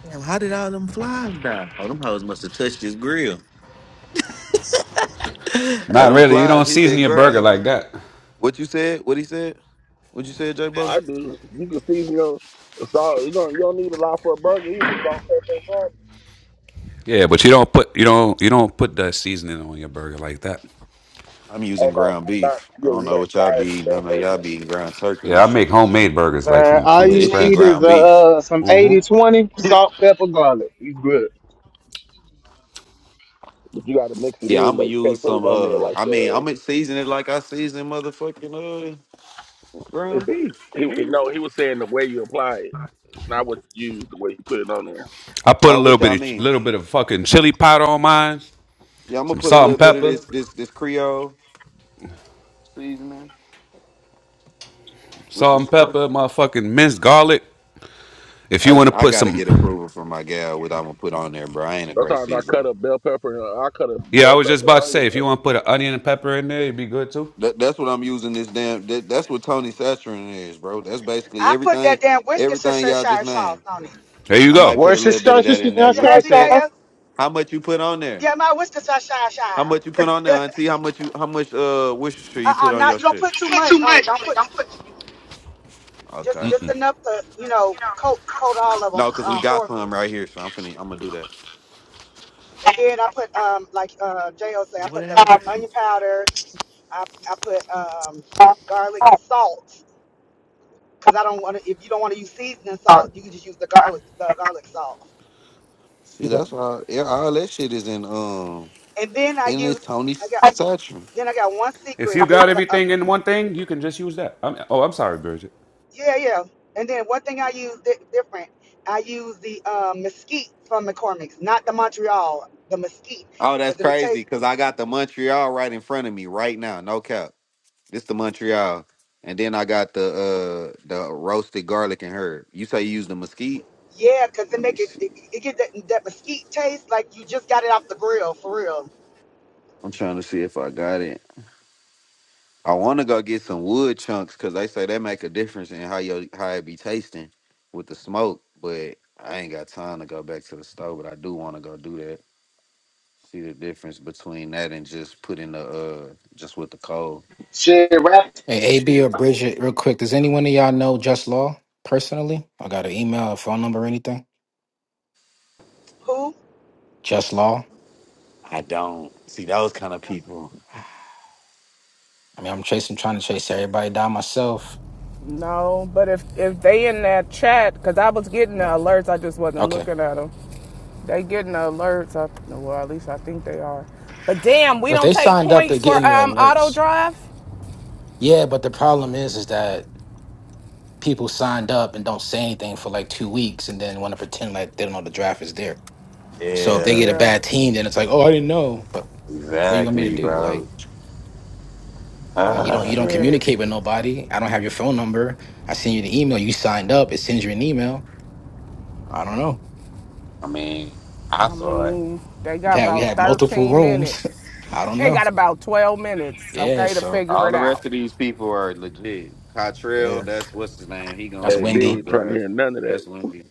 [SPEAKER 1] Damn, how did all them flies die? Oh, them hoes must have touched his grill. and
[SPEAKER 8] Not
[SPEAKER 1] them
[SPEAKER 8] really. You
[SPEAKER 1] flies
[SPEAKER 8] don't
[SPEAKER 1] hit
[SPEAKER 8] season
[SPEAKER 1] that
[SPEAKER 8] your
[SPEAKER 1] ground.
[SPEAKER 8] burger like that.
[SPEAKER 1] What you said? What he said? What you said, J Bo?
[SPEAKER 6] I do. You can season your salt. You don't. You don't need a lot for a burger either. Salt, pepper, and garlic.
[SPEAKER 8] Yeah, but you don't put you don't you don't put that seasoning on your burger like that.
[SPEAKER 1] I'm using
[SPEAKER 6] Oh no,
[SPEAKER 1] ground
[SPEAKER 6] not, not
[SPEAKER 1] beef. I
[SPEAKER 6] yeah.
[SPEAKER 1] don't
[SPEAKER 6] You
[SPEAKER 1] know
[SPEAKER 6] don't
[SPEAKER 1] what y'all
[SPEAKER 6] fire
[SPEAKER 1] be
[SPEAKER 6] it
[SPEAKER 1] eating. I
[SPEAKER 6] stuff,
[SPEAKER 1] know
[SPEAKER 6] right?
[SPEAKER 1] y'all be eating ground turkey
[SPEAKER 8] Yeah,
[SPEAKER 1] and
[SPEAKER 8] I
[SPEAKER 1] shit.
[SPEAKER 8] make
[SPEAKER 1] But
[SPEAKER 8] homemade burgers like
[SPEAKER 5] Man,
[SPEAKER 8] from
[SPEAKER 5] all
[SPEAKER 8] from
[SPEAKER 5] you
[SPEAKER 1] this shit
[SPEAKER 8] scratch.
[SPEAKER 5] need is
[SPEAKER 1] ground beef.
[SPEAKER 5] uh some
[SPEAKER 8] Mhm.
[SPEAKER 5] eighty twenty
[SPEAKER 6] now.
[SPEAKER 5] salt, pepper, garlic. You good.
[SPEAKER 6] But you got to mix it
[SPEAKER 1] Yeah,
[SPEAKER 6] in
[SPEAKER 1] I'ma
[SPEAKER 6] though. You
[SPEAKER 1] use
[SPEAKER 6] can't put
[SPEAKER 1] some
[SPEAKER 6] it on there
[SPEAKER 1] uh
[SPEAKER 6] like
[SPEAKER 1] I mean
[SPEAKER 6] the.
[SPEAKER 1] I'ma season it like I season motherfucking uh
[SPEAKER 6] It's,
[SPEAKER 1] ground beef,
[SPEAKER 6] he,
[SPEAKER 1] nigga.
[SPEAKER 6] no, he was saying the way you apply it, not what you use. The way you put it on there.
[SPEAKER 8] I put a
[SPEAKER 1] Oh,
[SPEAKER 8] little
[SPEAKER 1] what y'all
[SPEAKER 8] bit of
[SPEAKER 1] mean?
[SPEAKER 8] little bit of fucking chili powder on mine,
[SPEAKER 1] Yeah, I'm gonna
[SPEAKER 8] some
[SPEAKER 1] put a
[SPEAKER 8] salt
[SPEAKER 1] little
[SPEAKER 8] and
[SPEAKER 1] bit of
[SPEAKER 8] pepper,
[SPEAKER 1] this this this Creole seasoning, which
[SPEAKER 8] salt
[SPEAKER 1] is
[SPEAKER 8] and
[SPEAKER 1] cr-
[SPEAKER 8] pepper, motherfucking minced garlic. If you
[SPEAKER 1] I,
[SPEAKER 8] want to
[SPEAKER 1] I
[SPEAKER 8] put
[SPEAKER 1] gotta
[SPEAKER 8] some,
[SPEAKER 1] get approval from my gal what I'm gonna put on there, bro. I ain't a great
[SPEAKER 6] Sometimes I cut
[SPEAKER 1] seasoner.
[SPEAKER 6] a bell pepper. and uh, I cut a
[SPEAKER 8] yeah, I
[SPEAKER 6] bell
[SPEAKER 8] was just
[SPEAKER 6] pepper and
[SPEAKER 8] about to
[SPEAKER 6] onion.
[SPEAKER 8] say, if you
[SPEAKER 6] So,
[SPEAKER 8] want to put an onion and pepper in there, it'd be good too.
[SPEAKER 1] That, that's what I'm using this damn. That, that's what Tony Saturin is, bro. That's basically
[SPEAKER 3] I put
[SPEAKER 1] everything.
[SPEAKER 3] that damn
[SPEAKER 1] Everything
[SPEAKER 3] Worcestershire
[SPEAKER 1] y'all just
[SPEAKER 3] sauce
[SPEAKER 1] named.
[SPEAKER 3] on it.
[SPEAKER 8] There you
[SPEAKER 1] I might
[SPEAKER 8] go.
[SPEAKER 1] put a
[SPEAKER 5] Where's your
[SPEAKER 1] little bit
[SPEAKER 5] star,
[SPEAKER 1] of
[SPEAKER 5] star,
[SPEAKER 1] that
[SPEAKER 6] yeah.
[SPEAKER 1] in there.
[SPEAKER 5] star,
[SPEAKER 3] You
[SPEAKER 1] What you
[SPEAKER 5] star,
[SPEAKER 3] heard me,
[SPEAKER 1] said?
[SPEAKER 5] star?
[SPEAKER 3] Jaya?
[SPEAKER 1] How much you put on there?
[SPEAKER 3] Yeah, my Worcestershire.
[SPEAKER 1] How much you put on there,
[SPEAKER 3] uh
[SPEAKER 1] Auntie? How much you? How much uh Worcestershire you put
[SPEAKER 3] uh,
[SPEAKER 1] on
[SPEAKER 3] not
[SPEAKER 1] your
[SPEAKER 3] you don't
[SPEAKER 1] shit?
[SPEAKER 3] put too
[SPEAKER 8] Put
[SPEAKER 3] much
[SPEAKER 8] too
[SPEAKER 3] on it.
[SPEAKER 8] much.
[SPEAKER 3] Don't
[SPEAKER 8] I mean,
[SPEAKER 3] put
[SPEAKER 8] don't put,
[SPEAKER 3] just
[SPEAKER 1] Okay.
[SPEAKER 3] just enough to you know
[SPEAKER 8] you know.
[SPEAKER 3] coat coat all of them.
[SPEAKER 1] No, cause we
[SPEAKER 3] Um,
[SPEAKER 1] got
[SPEAKER 3] for
[SPEAKER 1] some right here, so I'm finna. I'm gonna do that.
[SPEAKER 3] and then I put um like uh Jo said, I
[SPEAKER 1] What
[SPEAKER 3] put the
[SPEAKER 1] happened to?
[SPEAKER 3] onion powder. I I put um garlic salt because I don't want to. If you don't want to use seasoning salt, you can just use the garlic the garlic salt.
[SPEAKER 1] See, that's why yeah, all that shit is in um
[SPEAKER 3] And then I
[SPEAKER 1] in this
[SPEAKER 3] use
[SPEAKER 1] Tony
[SPEAKER 3] I got
[SPEAKER 1] Saturin.
[SPEAKER 3] then I got one
[SPEAKER 8] If
[SPEAKER 3] secret
[SPEAKER 8] you
[SPEAKER 3] is
[SPEAKER 8] got
[SPEAKER 3] the uh,
[SPEAKER 8] everything in one thing, you can just use that. I'm, oh, I'm sorry, Bridget.
[SPEAKER 3] Yeah, yeah. And then one thing I use di- different, I use the um, mesquite from McCormick's, not the Montreal, the mesquite,
[SPEAKER 1] Oh, that's
[SPEAKER 3] because it'll
[SPEAKER 1] crazy
[SPEAKER 3] taste.
[SPEAKER 1] because I got the Montreal right in front of me right now. No cap. This the Montreal, and then I got the uh the roasted garlic and herb. You say you use the mesquite?
[SPEAKER 3] Yeah, because it
[SPEAKER 1] Let me
[SPEAKER 3] make it, it,
[SPEAKER 1] see.
[SPEAKER 3] it get that, that mesquite taste like you just got it off the grill for real.
[SPEAKER 1] I'm trying to see if I got it. I want to go get some wood chunks because they say that make a difference in how your how it be tasting with the smoke. But I ain't got time to go back to the store. But I do want to go do that. See the difference between that and just putting the uh just with the coal.
[SPEAKER 5] Shit, rap.
[SPEAKER 9] Hey, AB or Bridget, real quick, does anyone of y'all know Just Law personally? I got an email, a phone number, or anything?
[SPEAKER 3] Who?
[SPEAKER 9] Just Law.
[SPEAKER 1] I don't see those kind of people.
[SPEAKER 9] I mean, I'm chasing, trying to chase everybody down myself.
[SPEAKER 7] No, but if if they in that chat, because I was getting the alerts, I just wasn't
[SPEAKER 9] Okay,
[SPEAKER 7] looking at them. They getting the alerts. I, well, at least I think they are. But damn, we
[SPEAKER 9] if
[SPEAKER 7] don't
[SPEAKER 9] they
[SPEAKER 7] take
[SPEAKER 9] signed up, they're
[SPEAKER 7] points for
[SPEAKER 9] getting the
[SPEAKER 7] um auto
[SPEAKER 9] alerts.
[SPEAKER 7] drive.
[SPEAKER 9] Yeah, but the problem is, is that people signed up and don't say anything for like two weeks, and then want to pretend like they don't know the draft is there. So if they
[SPEAKER 1] Yeah,
[SPEAKER 9] get a
[SPEAKER 7] Yeah.
[SPEAKER 9] bad team, then it's like, oh, I didn't know. But what you want me to
[SPEAKER 1] exactly,
[SPEAKER 9] do? Like,
[SPEAKER 1] bro.
[SPEAKER 9] like you
[SPEAKER 7] Well,
[SPEAKER 9] don't you don't
[SPEAKER 1] Ah,
[SPEAKER 7] shit.
[SPEAKER 9] communicate with nobody. I don't have your phone number. I send you the email. You signed up. It sends you an email I don't know.
[SPEAKER 1] I mean, I
[SPEAKER 7] I
[SPEAKER 1] saw it.
[SPEAKER 7] mean, they
[SPEAKER 9] we
[SPEAKER 7] got
[SPEAKER 9] had we
[SPEAKER 7] about
[SPEAKER 9] had multiple
[SPEAKER 7] 13
[SPEAKER 9] rooms.
[SPEAKER 7] minutes.
[SPEAKER 9] I don't
[SPEAKER 7] They
[SPEAKER 9] know.
[SPEAKER 7] got about 12 minutes,
[SPEAKER 9] Yeah,
[SPEAKER 7] okay, to
[SPEAKER 9] so
[SPEAKER 7] figure
[SPEAKER 1] All
[SPEAKER 7] it
[SPEAKER 1] the rest
[SPEAKER 7] out.
[SPEAKER 1] of these people are legit. Cottrell,
[SPEAKER 9] yeah,
[SPEAKER 1] that's what's his name. He
[SPEAKER 9] that's
[SPEAKER 1] going
[SPEAKER 6] Hey,
[SPEAKER 1] he
[SPEAKER 6] Big
[SPEAKER 9] windy.
[SPEAKER 1] gonna
[SPEAKER 6] trying to
[SPEAKER 1] draft.
[SPEAKER 6] hear none of
[SPEAKER 1] That's
[SPEAKER 6] that.
[SPEAKER 1] Wendy.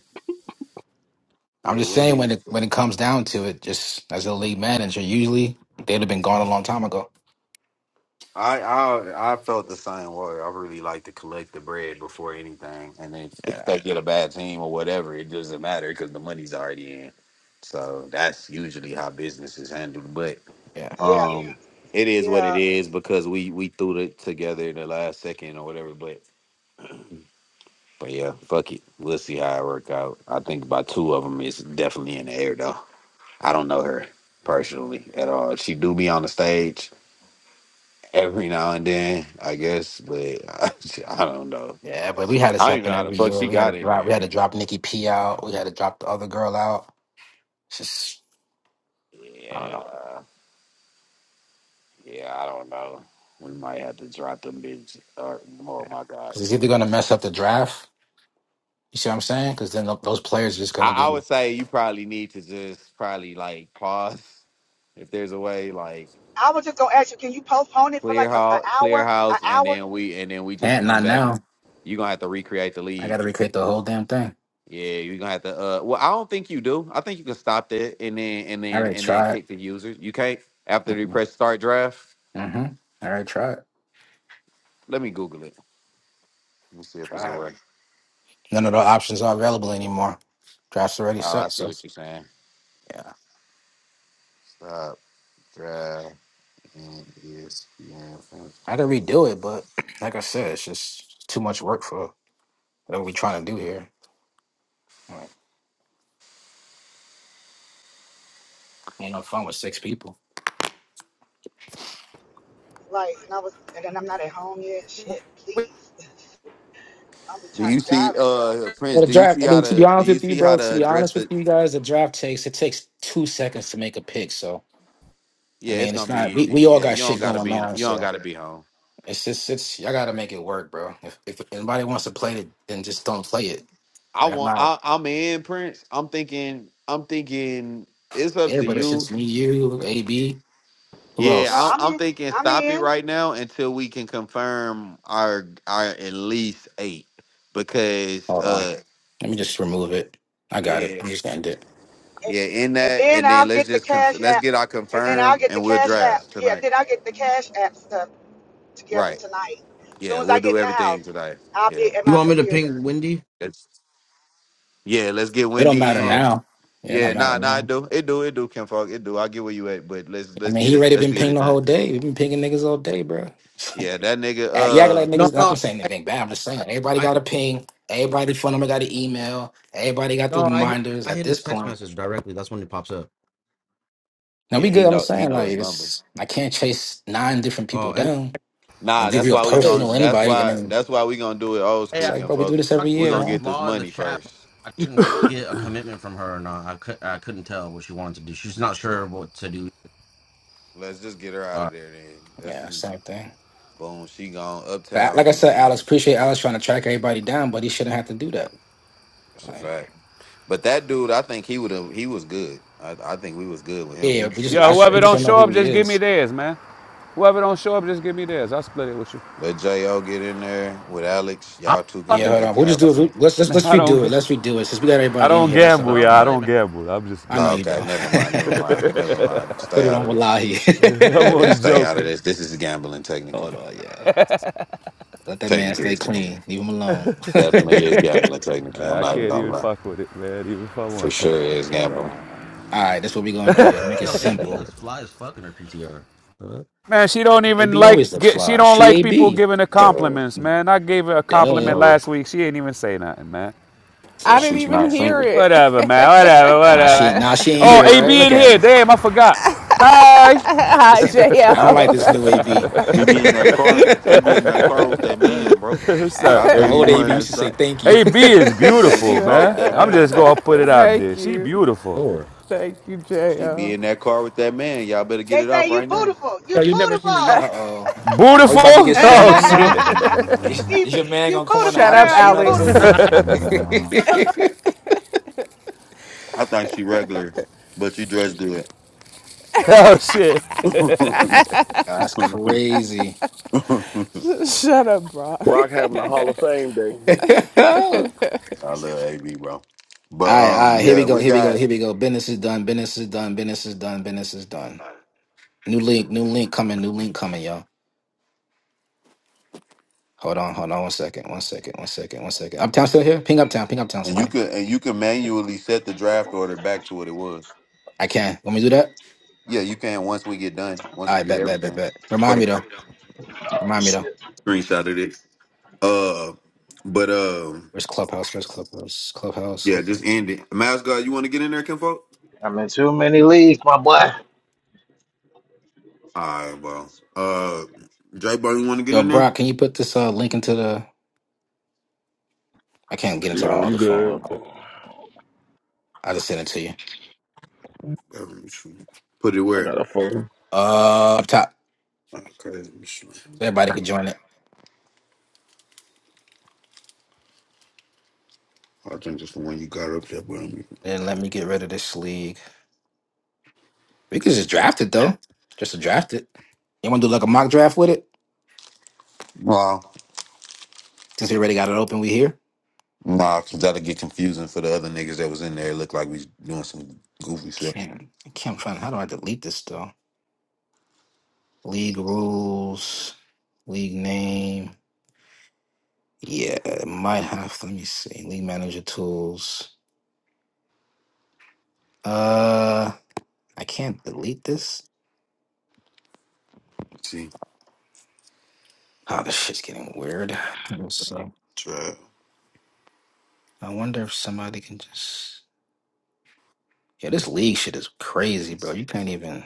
[SPEAKER 9] I'm
[SPEAKER 1] Yeah,
[SPEAKER 9] just saying when
[SPEAKER 1] Wendy.
[SPEAKER 9] it when it comes down to it, just as a league manager, usually they'd have been gone a long time ago.
[SPEAKER 1] I I I felt the same way. I really like to collect the bread before anything, and then if
[SPEAKER 9] Yeah,
[SPEAKER 1] they get a bad team or whatever, it doesn't matter because the money's already in. So that's usually how business is handled. But
[SPEAKER 9] yeah,
[SPEAKER 3] Yeah,
[SPEAKER 1] Um, it is what it
[SPEAKER 3] yeah.
[SPEAKER 1] is because we we threw it together in the last second or whatever. But but yeah, fuck it. We'll see how it work out. I think by two of them is definitely in the air though. I don't know her personally at all. She do be on the stage every now and then, I guess, but I, I don't know.
[SPEAKER 9] yeah. But we had this
[SPEAKER 1] I don't even
[SPEAKER 9] happen
[SPEAKER 1] know how the
[SPEAKER 9] every
[SPEAKER 1] fuck
[SPEAKER 9] year.
[SPEAKER 1] she
[SPEAKER 9] We had to
[SPEAKER 1] got in
[SPEAKER 9] drop. We
[SPEAKER 1] here.
[SPEAKER 9] had to drop Nikki P out. We had to drop the other girl out. It's just I don't know
[SPEAKER 1] Yeah, yeah, I don't know. We might have to drop them bitches. Or, oh my god,
[SPEAKER 9] because it's
[SPEAKER 1] let me
[SPEAKER 9] either gonna
[SPEAKER 1] stop
[SPEAKER 9] mess up the
[SPEAKER 1] saying.
[SPEAKER 9] draft. You see what I'm saying? Because then th- those players are just
[SPEAKER 1] I,
[SPEAKER 9] gonna
[SPEAKER 1] I
[SPEAKER 9] be
[SPEAKER 1] would say you probably need to just probably like pause if there's a way, like
[SPEAKER 3] I was just gonna ask you, can you postpone it for
[SPEAKER 1] clear
[SPEAKER 3] like a, an
[SPEAKER 1] house, clear
[SPEAKER 3] hour? An
[SPEAKER 1] house, and
[SPEAKER 3] hour?
[SPEAKER 1] then we and then we just
[SPEAKER 9] can't
[SPEAKER 1] come
[SPEAKER 9] not
[SPEAKER 1] back.
[SPEAKER 9] now.
[SPEAKER 1] You're gonna have to recreate the
[SPEAKER 9] I got
[SPEAKER 1] lead.
[SPEAKER 9] to recreate the whole damn thing.
[SPEAKER 1] Yeah, you're gonna have to. Uh, well, I don't think you do. I think you can stop that and then and
[SPEAKER 9] All
[SPEAKER 1] then
[SPEAKER 9] right,
[SPEAKER 1] and then
[SPEAKER 9] try it.
[SPEAKER 1] kick the user. You can't after they
[SPEAKER 9] Mm-mm.
[SPEAKER 1] press start draft.
[SPEAKER 9] Mm-hmm. All right, try it.
[SPEAKER 1] Let me Google it. Let me see if there's a
[SPEAKER 9] Draft.
[SPEAKER 1] way.
[SPEAKER 9] None of the options are available anymore. Draft's already
[SPEAKER 1] Oh, I
[SPEAKER 9] set,
[SPEAKER 1] see
[SPEAKER 9] so
[SPEAKER 1] what you're saying.
[SPEAKER 9] yeah.
[SPEAKER 1] Stop draft and ESPN.
[SPEAKER 9] I could redo it, but like I said, it's just too much work for whatever we trying to do here. Like, ain't no fun with six people.
[SPEAKER 3] Like, and I was, and then I'm not at home yet. Shit, please. I'm
[SPEAKER 1] Do
[SPEAKER 3] trying
[SPEAKER 1] you see,
[SPEAKER 3] driving. Trying to,
[SPEAKER 1] uh, Prince?
[SPEAKER 9] Well, the
[SPEAKER 1] Do you
[SPEAKER 9] draft.
[SPEAKER 1] see
[SPEAKER 9] I
[SPEAKER 1] how
[SPEAKER 9] mean, to be
[SPEAKER 1] to? Do
[SPEAKER 9] honest
[SPEAKER 1] you
[SPEAKER 9] with you,
[SPEAKER 1] see how
[SPEAKER 9] bro.
[SPEAKER 1] to
[SPEAKER 9] To be
[SPEAKER 1] address
[SPEAKER 9] honest with
[SPEAKER 1] the?
[SPEAKER 9] you guys, the draft takes it takes two seconds to make a pick. So I
[SPEAKER 1] Yeah, it's
[SPEAKER 9] mean, it's
[SPEAKER 1] gonna be
[SPEAKER 9] not we,
[SPEAKER 1] easy.
[SPEAKER 9] we all
[SPEAKER 1] Yeah, you
[SPEAKER 9] got
[SPEAKER 1] don't
[SPEAKER 9] shit
[SPEAKER 1] gotta
[SPEAKER 9] going
[SPEAKER 1] be.
[SPEAKER 9] on.
[SPEAKER 1] You don't
[SPEAKER 9] So
[SPEAKER 1] gotta be home.
[SPEAKER 9] it's just it's I gotta make it work, bro. If if anybody wants to play it, then just don't play it.
[SPEAKER 1] I
[SPEAKER 9] Like I'm
[SPEAKER 1] want.
[SPEAKER 9] not.
[SPEAKER 1] I, I'm in Prince. I'm thinking. I'm thinking. It's up
[SPEAKER 9] Yeah,
[SPEAKER 1] to
[SPEAKER 9] but it's
[SPEAKER 1] you.
[SPEAKER 9] just me, you, AB. Who
[SPEAKER 1] Yeah,
[SPEAKER 3] no,
[SPEAKER 1] I'm,
[SPEAKER 9] else?
[SPEAKER 3] I'm
[SPEAKER 1] I'm
[SPEAKER 3] in.
[SPEAKER 1] thinking.
[SPEAKER 3] I'm
[SPEAKER 1] Stop it
[SPEAKER 3] in.
[SPEAKER 1] right now until we can confirm our our at least eight because
[SPEAKER 9] Hold on.
[SPEAKER 1] uh
[SPEAKER 9] Let me just remove it. I got it.
[SPEAKER 1] yeah
[SPEAKER 9] I'm just gonna end it.
[SPEAKER 3] and,
[SPEAKER 1] yeah in
[SPEAKER 3] and
[SPEAKER 1] that
[SPEAKER 3] then
[SPEAKER 1] and then
[SPEAKER 3] I'll
[SPEAKER 1] let's
[SPEAKER 3] get the
[SPEAKER 1] just conf-
[SPEAKER 3] cash
[SPEAKER 1] let's
[SPEAKER 3] app,
[SPEAKER 1] get our
[SPEAKER 3] and then I'll
[SPEAKER 1] confirm
[SPEAKER 3] get the
[SPEAKER 1] and we'll
[SPEAKER 3] cash app.
[SPEAKER 1] draft
[SPEAKER 3] Yeah,
[SPEAKER 1] tonight.
[SPEAKER 3] then I'll get the cash app stuff together
[SPEAKER 1] Right.
[SPEAKER 3] tonight. As soon
[SPEAKER 1] Yeah,
[SPEAKER 3] as
[SPEAKER 1] we'll
[SPEAKER 3] I get
[SPEAKER 1] do
[SPEAKER 3] in the
[SPEAKER 1] everything
[SPEAKER 3] house,
[SPEAKER 1] tonight.
[SPEAKER 3] I'll
[SPEAKER 1] Yeah.
[SPEAKER 3] be at
[SPEAKER 10] You
[SPEAKER 3] my
[SPEAKER 10] want me to ping
[SPEAKER 3] computer.
[SPEAKER 10] Wendy?
[SPEAKER 1] Let's, yeah, let's get
[SPEAKER 9] It don't
[SPEAKER 1] Wendy
[SPEAKER 9] matter
[SPEAKER 10] Oh
[SPEAKER 1] in.
[SPEAKER 9] now. Yeah, it
[SPEAKER 1] Yeah,
[SPEAKER 9] don't matter
[SPEAKER 1] nah, nah, it
[SPEAKER 9] now.
[SPEAKER 1] do. It do, it do, Kim Falk. It do. I get where you at, but let's
[SPEAKER 9] I
[SPEAKER 1] let's
[SPEAKER 9] mean,
[SPEAKER 1] get
[SPEAKER 9] he
[SPEAKER 1] it
[SPEAKER 9] already
[SPEAKER 1] let's
[SPEAKER 9] been
[SPEAKER 1] get
[SPEAKER 9] pinging
[SPEAKER 1] it
[SPEAKER 9] the
[SPEAKER 1] done.
[SPEAKER 9] whole day. He been pinging niggas all day, bro.
[SPEAKER 1] Yeah, that nigga
[SPEAKER 9] Act- You acting
[SPEAKER 1] uh
[SPEAKER 9] like
[SPEAKER 10] no,
[SPEAKER 9] niggas. I'm
[SPEAKER 10] no,
[SPEAKER 9] not saying
[SPEAKER 10] I,
[SPEAKER 9] anything bad. I'm just saying everybody
[SPEAKER 10] I
[SPEAKER 9] got a ping. Everybody phone number got an email. Everybody got the
[SPEAKER 10] no, I hit,
[SPEAKER 9] reminders.
[SPEAKER 10] I
[SPEAKER 9] At
[SPEAKER 10] hit his
[SPEAKER 9] this
[SPEAKER 10] text
[SPEAKER 9] point,
[SPEAKER 10] message directly. That's when it pops up.
[SPEAKER 9] now we
[SPEAKER 1] yeah,
[SPEAKER 9] good.
[SPEAKER 1] he
[SPEAKER 9] I'm
[SPEAKER 1] know he
[SPEAKER 9] saying
[SPEAKER 1] know
[SPEAKER 9] like
[SPEAKER 1] his number.
[SPEAKER 9] it's. I can't chase nine different people
[SPEAKER 10] Oh, and
[SPEAKER 9] down
[SPEAKER 1] Nah,
[SPEAKER 9] and give
[SPEAKER 1] that's
[SPEAKER 9] you a
[SPEAKER 1] why we
[SPEAKER 10] wait,
[SPEAKER 9] personal
[SPEAKER 1] gonna that's
[SPEAKER 9] invite, and
[SPEAKER 1] why
[SPEAKER 9] then
[SPEAKER 1] that's why we gonna do it old
[SPEAKER 10] hey, I,
[SPEAKER 9] it's
[SPEAKER 1] school,
[SPEAKER 9] like,
[SPEAKER 1] Kim
[SPEAKER 10] I
[SPEAKER 9] bro, we do
[SPEAKER 1] Falk.
[SPEAKER 9] this every
[SPEAKER 10] talked to
[SPEAKER 1] we
[SPEAKER 9] year,
[SPEAKER 1] gonna
[SPEAKER 10] Just
[SPEAKER 1] get
[SPEAKER 9] man.
[SPEAKER 1] this
[SPEAKER 10] Law in the
[SPEAKER 1] money
[SPEAKER 10] chat. But
[SPEAKER 1] first.
[SPEAKER 10] I couldn't get a commitment from her, or not. I could, I couldn't tell what she wanted to do. She's not sure what to do.
[SPEAKER 1] Let's just get her out
[SPEAKER 10] Uh,
[SPEAKER 1] of there then. That's
[SPEAKER 9] Yeah,
[SPEAKER 1] easy.
[SPEAKER 9] same thing.
[SPEAKER 1] Boom, she gone.
[SPEAKER 9] But I-
[SPEAKER 1] Uptown
[SPEAKER 9] like I
[SPEAKER 1] can
[SPEAKER 9] said,
[SPEAKER 1] get
[SPEAKER 9] Alex,
[SPEAKER 1] in.
[SPEAKER 9] appreciate Alex trying to track everybody down, but he shouldn't have to do that.
[SPEAKER 1] It's a
[SPEAKER 9] Like.
[SPEAKER 1] fact. But that dude, I think he would have he was good. I, I think we was good with him.
[SPEAKER 9] Yeah,
[SPEAKER 1] He
[SPEAKER 9] we just
[SPEAKER 1] this
[SPEAKER 9] I,
[SPEAKER 8] Yo,
[SPEAKER 1] is
[SPEAKER 9] just- we
[SPEAKER 8] whoever
[SPEAKER 1] second
[SPEAKER 9] just
[SPEAKER 8] don't
[SPEAKER 9] don't
[SPEAKER 1] year.
[SPEAKER 9] know
[SPEAKER 8] show
[SPEAKER 9] who
[SPEAKER 8] up,
[SPEAKER 9] he
[SPEAKER 8] just give me
[SPEAKER 9] is.
[SPEAKER 8] theirs, man. Whoever don't show up, just give me theirs. I'll split it with you.
[SPEAKER 1] Let Jo get in there with Alex.
[SPEAKER 10] I'm not
[SPEAKER 1] Y'all two can
[SPEAKER 9] Yeah,
[SPEAKER 10] fucking.
[SPEAKER 9] hold
[SPEAKER 1] that
[SPEAKER 9] on.
[SPEAKER 1] can
[SPEAKER 9] We'll just
[SPEAKER 1] have a
[SPEAKER 9] do it.
[SPEAKER 1] team.
[SPEAKER 9] Let's let's
[SPEAKER 8] Nah,
[SPEAKER 9] let's
[SPEAKER 8] I don't
[SPEAKER 9] redo it. Let's redo it since we got
[SPEAKER 8] I
[SPEAKER 9] everybody in
[SPEAKER 8] don't
[SPEAKER 9] here. That's the
[SPEAKER 10] I
[SPEAKER 8] gamble,
[SPEAKER 9] whole
[SPEAKER 8] y'all.
[SPEAKER 10] don't
[SPEAKER 8] I
[SPEAKER 9] point.
[SPEAKER 10] play,
[SPEAKER 8] don't
[SPEAKER 10] man.
[SPEAKER 8] gamble. I'm just
[SPEAKER 9] I know
[SPEAKER 1] Oh,
[SPEAKER 8] joking.
[SPEAKER 9] you
[SPEAKER 1] okay,
[SPEAKER 9] don't.
[SPEAKER 1] never mind, never mind, never mind.
[SPEAKER 9] Put
[SPEAKER 1] Stay
[SPEAKER 9] it
[SPEAKER 1] out
[SPEAKER 9] on
[SPEAKER 1] of there.
[SPEAKER 9] Wallahi.
[SPEAKER 8] I'm
[SPEAKER 1] Yeah, then
[SPEAKER 8] only
[SPEAKER 1] stay out of
[SPEAKER 8] joking.
[SPEAKER 1] this. This is gambling, technically.
[SPEAKER 9] hold on, yeah. Let that man
[SPEAKER 1] Technically,
[SPEAKER 9] stay
[SPEAKER 1] it's gambling.
[SPEAKER 9] clean. Leave him alone. hold
[SPEAKER 1] Definitely is gambling, technically.
[SPEAKER 8] Uh,
[SPEAKER 1] I'm
[SPEAKER 8] I
[SPEAKER 1] not even
[SPEAKER 8] can't
[SPEAKER 1] gonna
[SPEAKER 8] even
[SPEAKER 1] lie.
[SPEAKER 8] fuck with it, man. Even if I
[SPEAKER 1] For
[SPEAKER 8] want to.
[SPEAKER 1] sure, it
[SPEAKER 9] on,
[SPEAKER 1] is
[SPEAKER 9] hold on.
[SPEAKER 1] gambling.
[SPEAKER 9] All right, that's what we gonna do, y'all. Make it
[SPEAKER 10] Yo, AB
[SPEAKER 9] simple.
[SPEAKER 10] looks fly as fuck in her PTR. Huh?
[SPEAKER 8] Man, she don't even
[SPEAKER 9] AB
[SPEAKER 8] like.
[SPEAKER 9] always look
[SPEAKER 8] Get, she
[SPEAKER 9] fly.
[SPEAKER 8] don't
[SPEAKER 9] She
[SPEAKER 8] like people
[SPEAKER 9] AB.
[SPEAKER 8] giving her
[SPEAKER 1] Uh,
[SPEAKER 8] compliments, man. I gave her a
[SPEAKER 9] Duh.
[SPEAKER 8] compliment
[SPEAKER 1] no,
[SPEAKER 8] last week. She ain't even say nothing, man.
[SPEAKER 1] oh,
[SPEAKER 7] I
[SPEAKER 9] Oh
[SPEAKER 7] didn't
[SPEAKER 1] she's
[SPEAKER 7] even
[SPEAKER 1] not
[SPEAKER 9] man.
[SPEAKER 7] hear
[SPEAKER 1] single.
[SPEAKER 7] it.
[SPEAKER 8] Whatever, man. Whatever.
[SPEAKER 9] Nah, she
[SPEAKER 8] Whatever.
[SPEAKER 9] ain't- nah, she ain't
[SPEAKER 1] You
[SPEAKER 8] Oh,
[SPEAKER 9] here,
[SPEAKER 1] know,
[SPEAKER 9] right?
[SPEAKER 8] AB in
[SPEAKER 9] Look at
[SPEAKER 8] here.
[SPEAKER 9] her.
[SPEAKER 8] Damn, I forgot. Hi.
[SPEAKER 7] Hi,
[SPEAKER 9] This ain't I don't like
[SPEAKER 7] JL.
[SPEAKER 9] this new AB.
[SPEAKER 1] she be in that car. She be in that car with that man, bro.
[SPEAKER 8] What's
[SPEAKER 1] Well, How
[SPEAKER 8] up,
[SPEAKER 9] The
[SPEAKER 1] can you
[SPEAKER 9] old
[SPEAKER 8] AB?
[SPEAKER 9] AV
[SPEAKER 1] doing
[SPEAKER 9] used
[SPEAKER 1] that
[SPEAKER 9] to say
[SPEAKER 1] stuff?
[SPEAKER 9] thank you.
[SPEAKER 8] AB is
[SPEAKER 1] She be in
[SPEAKER 8] beautiful,
[SPEAKER 1] that car with
[SPEAKER 8] man.
[SPEAKER 1] that
[SPEAKER 8] I'm
[SPEAKER 1] man,
[SPEAKER 8] just
[SPEAKER 1] bro.
[SPEAKER 8] gonna put it out there.
[SPEAKER 7] Thank
[SPEAKER 8] She
[SPEAKER 7] you.
[SPEAKER 8] beautiful.
[SPEAKER 10] Sure.
[SPEAKER 7] Thank you,
[SPEAKER 1] She be
[SPEAKER 7] JL.
[SPEAKER 1] in that car with that man. Y'all better get
[SPEAKER 3] They
[SPEAKER 1] it
[SPEAKER 3] say
[SPEAKER 1] off
[SPEAKER 3] you
[SPEAKER 1] right now.
[SPEAKER 3] beautiful, you
[SPEAKER 10] Yo, you've never seen the
[SPEAKER 9] uh
[SPEAKER 10] yellow.
[SPEAKER 3] beautiful.
[SPEAKER 9] oh. Are we
[SPEAKER 8] Beautiful?
[SPEAKER 9] about to get screamed
[SPEAKER 8] Oh
[SPEAKER 9] at now?
[SPEAKER 8] shit.
[SPEAKER 9] Is,
[SPEAKER 3] He's
[SPEAKER 9] is your man
[SPEAKER 3] you
[SPEAKER 9] gonna come on the
[SPEAKER 3] beautiful
[SPEAKER 7] Shut
[SPEAKER 9] app and
[SPEAKER 7] up,
[SPEAKER 3] girl,
[SPEAKER 9] scream
[SPEAKER 3] you
[SPEAKER 9] at us,
[SPEAKER 7] Alex.
[SPEAKER 3] beautiful.
[SPEAKER 9] AB?
[SPEAKER 1] I think she regular, but she dressed
[SPEAKER 8] Oh shit.
[SPEAKER 1] good.
[SPEAKER 9] that's crazy.
[SPEAKER 7] Shut up, Brock.
[SPEAKER 6] Brock having a Hall of Fame day.
[SPEAKER 9] all right, all
[SPEAKER 1] I love AB, bro. But um,
[SPEAKER 9] right, here we
[SPEAKER 1] yeah,
[SPEAKER 9] go,
[SPEAKER 1] we
[SPEAKER 9] here we go,
[SPEAKER 1] got
[SPEAKER 9] here we go. Business is done, business is done, business is done, business is done. New link, new link coming, new link coming, y'all. Hold on, hold on one second, one second, one second, one second. Uptown still here? Ping Uptown, ping Uptown,
[SPEAKER 1] and you
[SPEAKER 9] somebody.
[SPEAKER 1] could and you can manually set the draft order back to what it was.
[SPEAKER 9] I can. Want me to do that?
[SPEAKER 1] Yeah, you can once we get done,
[SPEAKER 9] All
[SPEAKER 1] once we
[SPEAKER 9] right,
[SPEAKER 1] get
[SPEAKER 9] bet, bet, bet,
[SPEAKER 1] everything
[SPEAKER 9] bet.
[SPEAKER 1] for
[SPEAKER 9] Remind
[SPEAKER 1] the
[SPEAKER 9] me though. Remind me though.
[SPEAKER 5] Shit.
[SPEAKER 1] screenshot of this. Uh, but um,
[SPEAKER 9] Where's Clubhouse? Where's Clubhouse? Clubhouse.
[SPEAKER 1] yeah, just
[SPEAKER 9] Clubhouse.
[SPEAKER 1] end it. Mascot, you want to get in there, Kinfolk?
[SPEAKER 5] I'm in too many leagues, my boy.
[SPEAKER 1] All right, well, uh, J Bar, you want to get
[SPEAKER 9] Yo,
[SPEAKER 1] in there?
[SPEAKER 9] Brock, can you put this uh, link into the? I can't get into
[SPEAKER 6] No,
[SPEAKER 9] my
[SPEAKER 6] I'm
[SPEAKER 9] other phone real
[SPEAKER 6] good.
[SPEAKER 9] quick.
[SPEAKER 6] I
[SPEAKER 9] I just sent it to you.
[SPEAKER 1] Um, Put it where?
[SPEAKER 6] got a phone.
[SPEAKER 9] Uh, up top,
[SPEAKER 1] Okay,
[SPEAKER 9] so everybody can join it.
[SPEAKER 1] I think just the one you got up there, bro.
[SPEAKER 9] And let me get rid of this league. We could just draft it though. Just to draft it. You want to do like a mock draft with it?
[SPEAKER 1] Wow.
[SPEAKER 9] Since we already got it open, we here.
[SPEAKER 1] Nah, cause that'll get confusing for the other niggas that was in there. It looked like we was doing some goofy shit.
[SPEAKER 9] Can't. I can't find. How do I delete this though? League rules. League name. Yeah, it might have. Let me see. League manager tools. Uh. I can't delete this.
[SPEAKER 1] See,
[SPEAKER 9] Ah, this shit's getting weird. Let's see.
[SPEAKER 1] draft.
[SPEAKER 9] I wonder if somebody can just. Yeah, this league shit is crazy, bro. You can't even.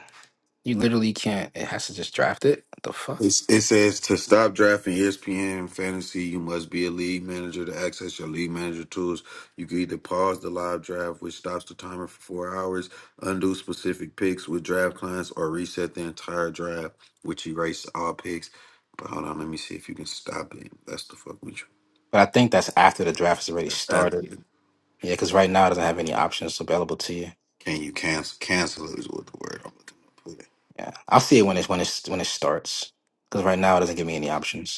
[SPEAKER 9] You literally can't. It has to just draft it. What the fuck?
[SPEAKER 1] It's, it says to stop drafting ESPN fantasy, you must be a league manager to access your league manager tools. You can either pause the live draft, which stops the timer for four hours, undo specific picks with draft clients, or reset the entire draft, which erases all picks. But hold on, let me see if you can stop it. That's the fuck with you.
[SPEAKER 9] But I think that's after the draft has already
[SPEAKER 1] That's after.
[SPEAKER 9] started. Yeah, because right now it doesn't have any options available to you.
[SPEAKER 1] Can you cancel? Cancel is what the word I'm looking for.
[SPEAKER 9] Yeah, I'll see it when it's when it's when it starts. Because right now it doesn't give me any options.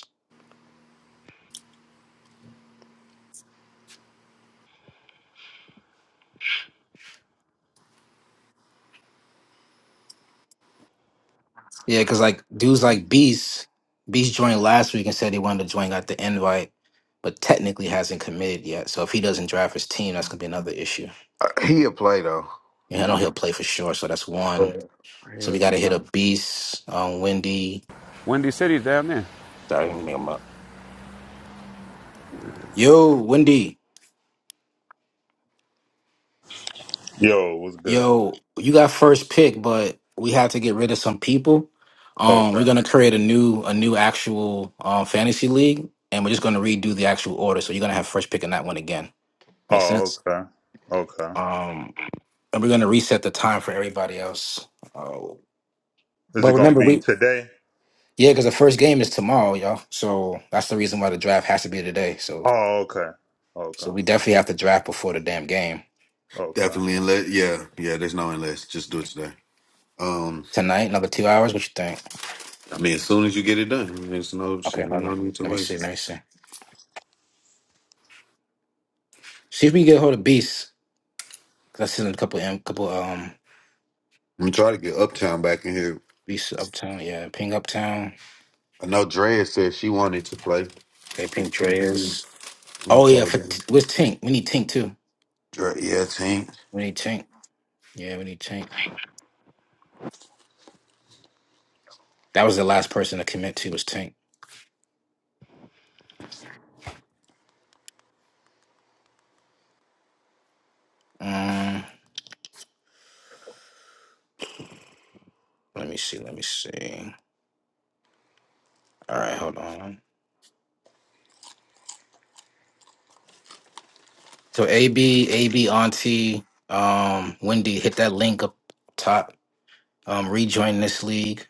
[SPEAKER 9] Yeah, because like dudes like Beast, Beast joined last week and said he wanted to join, got the invite, but technically hasn't committed yet. So if he doesn't draft his team, that's gonna be another issue.
[SPEAKER 1] Uh, He'll play though.
[SPEAKER 9] Yeah, I know
[SPEAKER 1] You-
[SPEAKER 9] he'll play for sure. So that's one. So
[SPEAKER 1] Yeah,
[SPEAKER 9] we gotta hit up Beast, um, Wendy.
[SPEAKER 8] Windy City's down there.
[SPEAKER 9] Sorry, let me make him up. Yo, Wendy.
[SPEAKER 11] Yo, what's good, man?
[SPEAKER 9] Yo, you got first pick, but we have to get rid of some people. Um, we're
[SPEAKER 11] Okay.
[SPEAKER 9] gonna create a new a new actual um, fantasy league, and we're just gonna redo the actual order. So you're gonna have first pick in that one again. Make
[SPEAKER 11] Oh,
[SPEAKER 9] sense?
[SPEAKER 11] okay. Okay.
[SPEAKER 9] Um. and we're going to reset the time for everybody else. Oh,
[SPEAKER 11] Is
[SPEAKER 9] but
[SPEAKER 11] it gonna
[SPEAKER 9] remember,
[SPEAKER 11] be
[SPEAKER 9] we
[SPEAKER 11] today?
[SPEAKER 9] yeah, because the first game is tomorrow, y'all. So that's the reason why the draft has to be today. So
[SPEAKER 11] Oh, okay.
[SPEAKER 9] so
[SPEAKER 11] Okay.
[SPEAKER 9] we definitely have to draft before the damn game
[SPEAKER 1] Definitely
[SPEAKER 11] Okay.
[SPEAKER 1] unless yeah, yeah, there's no unless. Just do it today. Um
[SPEAKER 9] tonight. Another two hours. What you think?
[SPEAKER 1] I mean as soon as you get it done. There's no shit.
[SPEAKER 9] Okay,
[SPEAKER 1] Ain't
[SPEAKER 9] hold
[SPEAKER 1] no
[SPEAKER 9] on.
[SPEAKER 1] need to
[SPEAKER 9] Let me
[SPEAKER 1] wait.
[SPEAKER 9] see. Let me see. See if we can get hold of Beast. Cause I sent him a couple a couple um
[SPEAKER 1] I'm trying to get Uptown back in here.
[SPEAKER 9] Beast Uptown. Yeah, Ping Uptown.
[SPEAKER 1] I know Drea said she wanted to play.
[SPEAKER 9] Okay,
[SPEAKER 1] I'm
[SPEAKER 9] Ping Dreas.
[SPEAKER 1] gonna
[SPEAKER 9] Oh
[SPEAKER 1] try
[SPEAKER 9] yeah, for,
[SPEAKER 1] again.
[SPEAKER 9] where's Tink? We need Tink too.
[SPEAKER 1] Dre- yeah, team.
[SPEAKER 9] We need Tink. Yeah, we need Tink. That was the last person to commit to was Tink. Mm. Let me see. Let me see. All right, hold on. So AB, AB, Auntie, um, Wendy, hit that link up top. Um, rejoin this league.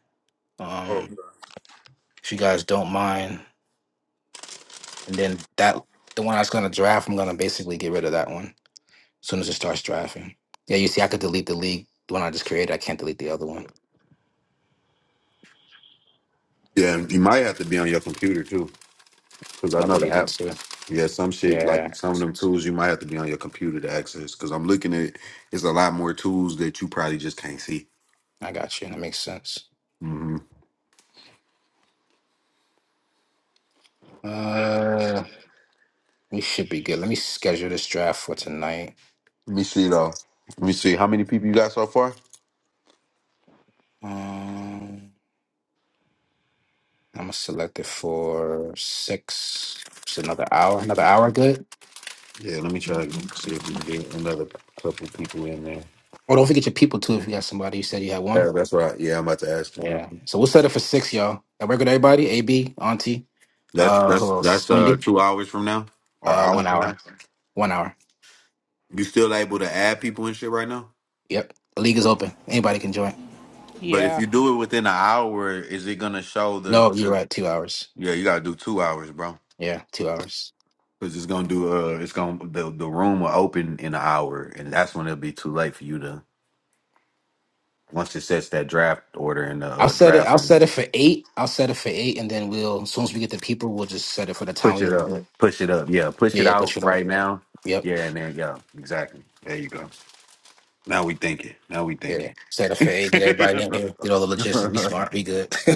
[SPEAKER 9] Um, if you guys don't mind. And then that the one I was gonna draft, I'm gonna basically get rid of that one as soon as it starts drafting. Yeah, you see, I could delete the league, the one I just created. I can't delete the other one.
[SPEAKER 1] Yeah, you might have to be on your computer too. Cause
[SPEAKER 9] It's
[SPEAKER 1] I
[SPEAKER 9] another
[SPEAKER 1] know the
[SPEAKER 9] reason
[SPEAKER 1] app.
[SPEAKER 9] too.
[SPEAKER 1] Yeah, some shit like
[SPEAKER 9] Yeah,
[SPEAKER 1] some of them tools you might have to be on your computer to access. Cause I'm looking at it's a lot more tools that you probably just can't see.
[SPEAKER 9] I got you. That makes sense.
[SPEAKER 1] Mm-hmm.
[SPEAKER 9] Uh, we should be good. Let me schedule this draft for tonight.
[SPEAKER 1] Let me see though. Let me see how many people you got so far.
[SPEAKER 9] Um, I'm gonna select it for six. Just another hour. Another hour, good.
[SPEAKER 1] Yeah, let me try to see if we can get another couple people in there.
[SPEAKER 9] Oh, don't forget your people too. If you got somebody, you said you had one.
[SPEAKER 1] Yeah, that's right. Yeah, I'm about to ask them. real
[SPEAKER 9] Yeah.
[SPEAKER 1] quick.
[SPEAKER 9] So we'll set it for six, y'all. That work with everybody. AB, Auntie,
[SPEAKER 1] That's
[SPEAKER 9] uh,
[SPEAKER 1] that's
[SPEAKER 9] who else?
[SPEAKER 1] that's uh
[SPEAKER 9] Wendy.
[SPEAKER 1] two hours from now or
[SPEAKER 9] Uh,
[SPEAKER 1] hour
[SPEAKER 9] one
[SPEAKER 1] from now.
[SPEAKER 9] hour. One hour.
[SPEAKER 1] You still able to add people and shit right now?
[SPEAKER 9] Yep. The league is open. Anybody can join.
[SPEAKER 1] But if
[SPEAKER 7] Yeah.
[SPEAKER 1] you do it within an hour, is it gonna show the?
[SPEAKER 9] No, you're
[SPEAKER 1] Cause
[SPEAKER 9] right. Two hours.
[SPEAKER 1] yeah, you gotta do two hours, bro.
[SPEAKER 9] Yeah, two hours.
[SPEAKER 1] Cause it's gonna do. Uh, it's gonna the the room will open in an hour, and that's when it'll be too late for you to once it sets that draft order in the
[SPEAKER 9] I'll
[SPEAKER 1] uh,
[SPEAKER 9] set it.
[SPEAKER 1] draft
[SPEAKER 9] I'll
[SPEAKER 1] room.
[SPEAKER 9] set it for eight. I'll set it for eight, and then we'll as soon as we get the people, we'll just set it for the time
[SPEAKER 1] Push it
[SPEAKER 9] we
[SPEAKER 1] up.
[SPEAKER 9] do it.
[SPEAKER 1] Push it up. Yeah. Push it
[SPEAKER 9] Yeah,
[SPEAKER 1] out
[SPEAKER 9] push it up.
[SPEAKER 1] right now.
[SPEAKER 9] Yep.
[SPEAKER 1] Yeah, and there you go. Exactly. There you go. Now we thinking. Now we
[SPEAKER 9] Yeah,
[SPEAKER 1] thinking.
[SPEAKER 9] set a
[SPEAKER 1] yeah.
[SPEAKER 9] fade, get everybody in here, get all the logistics. We smart, we good,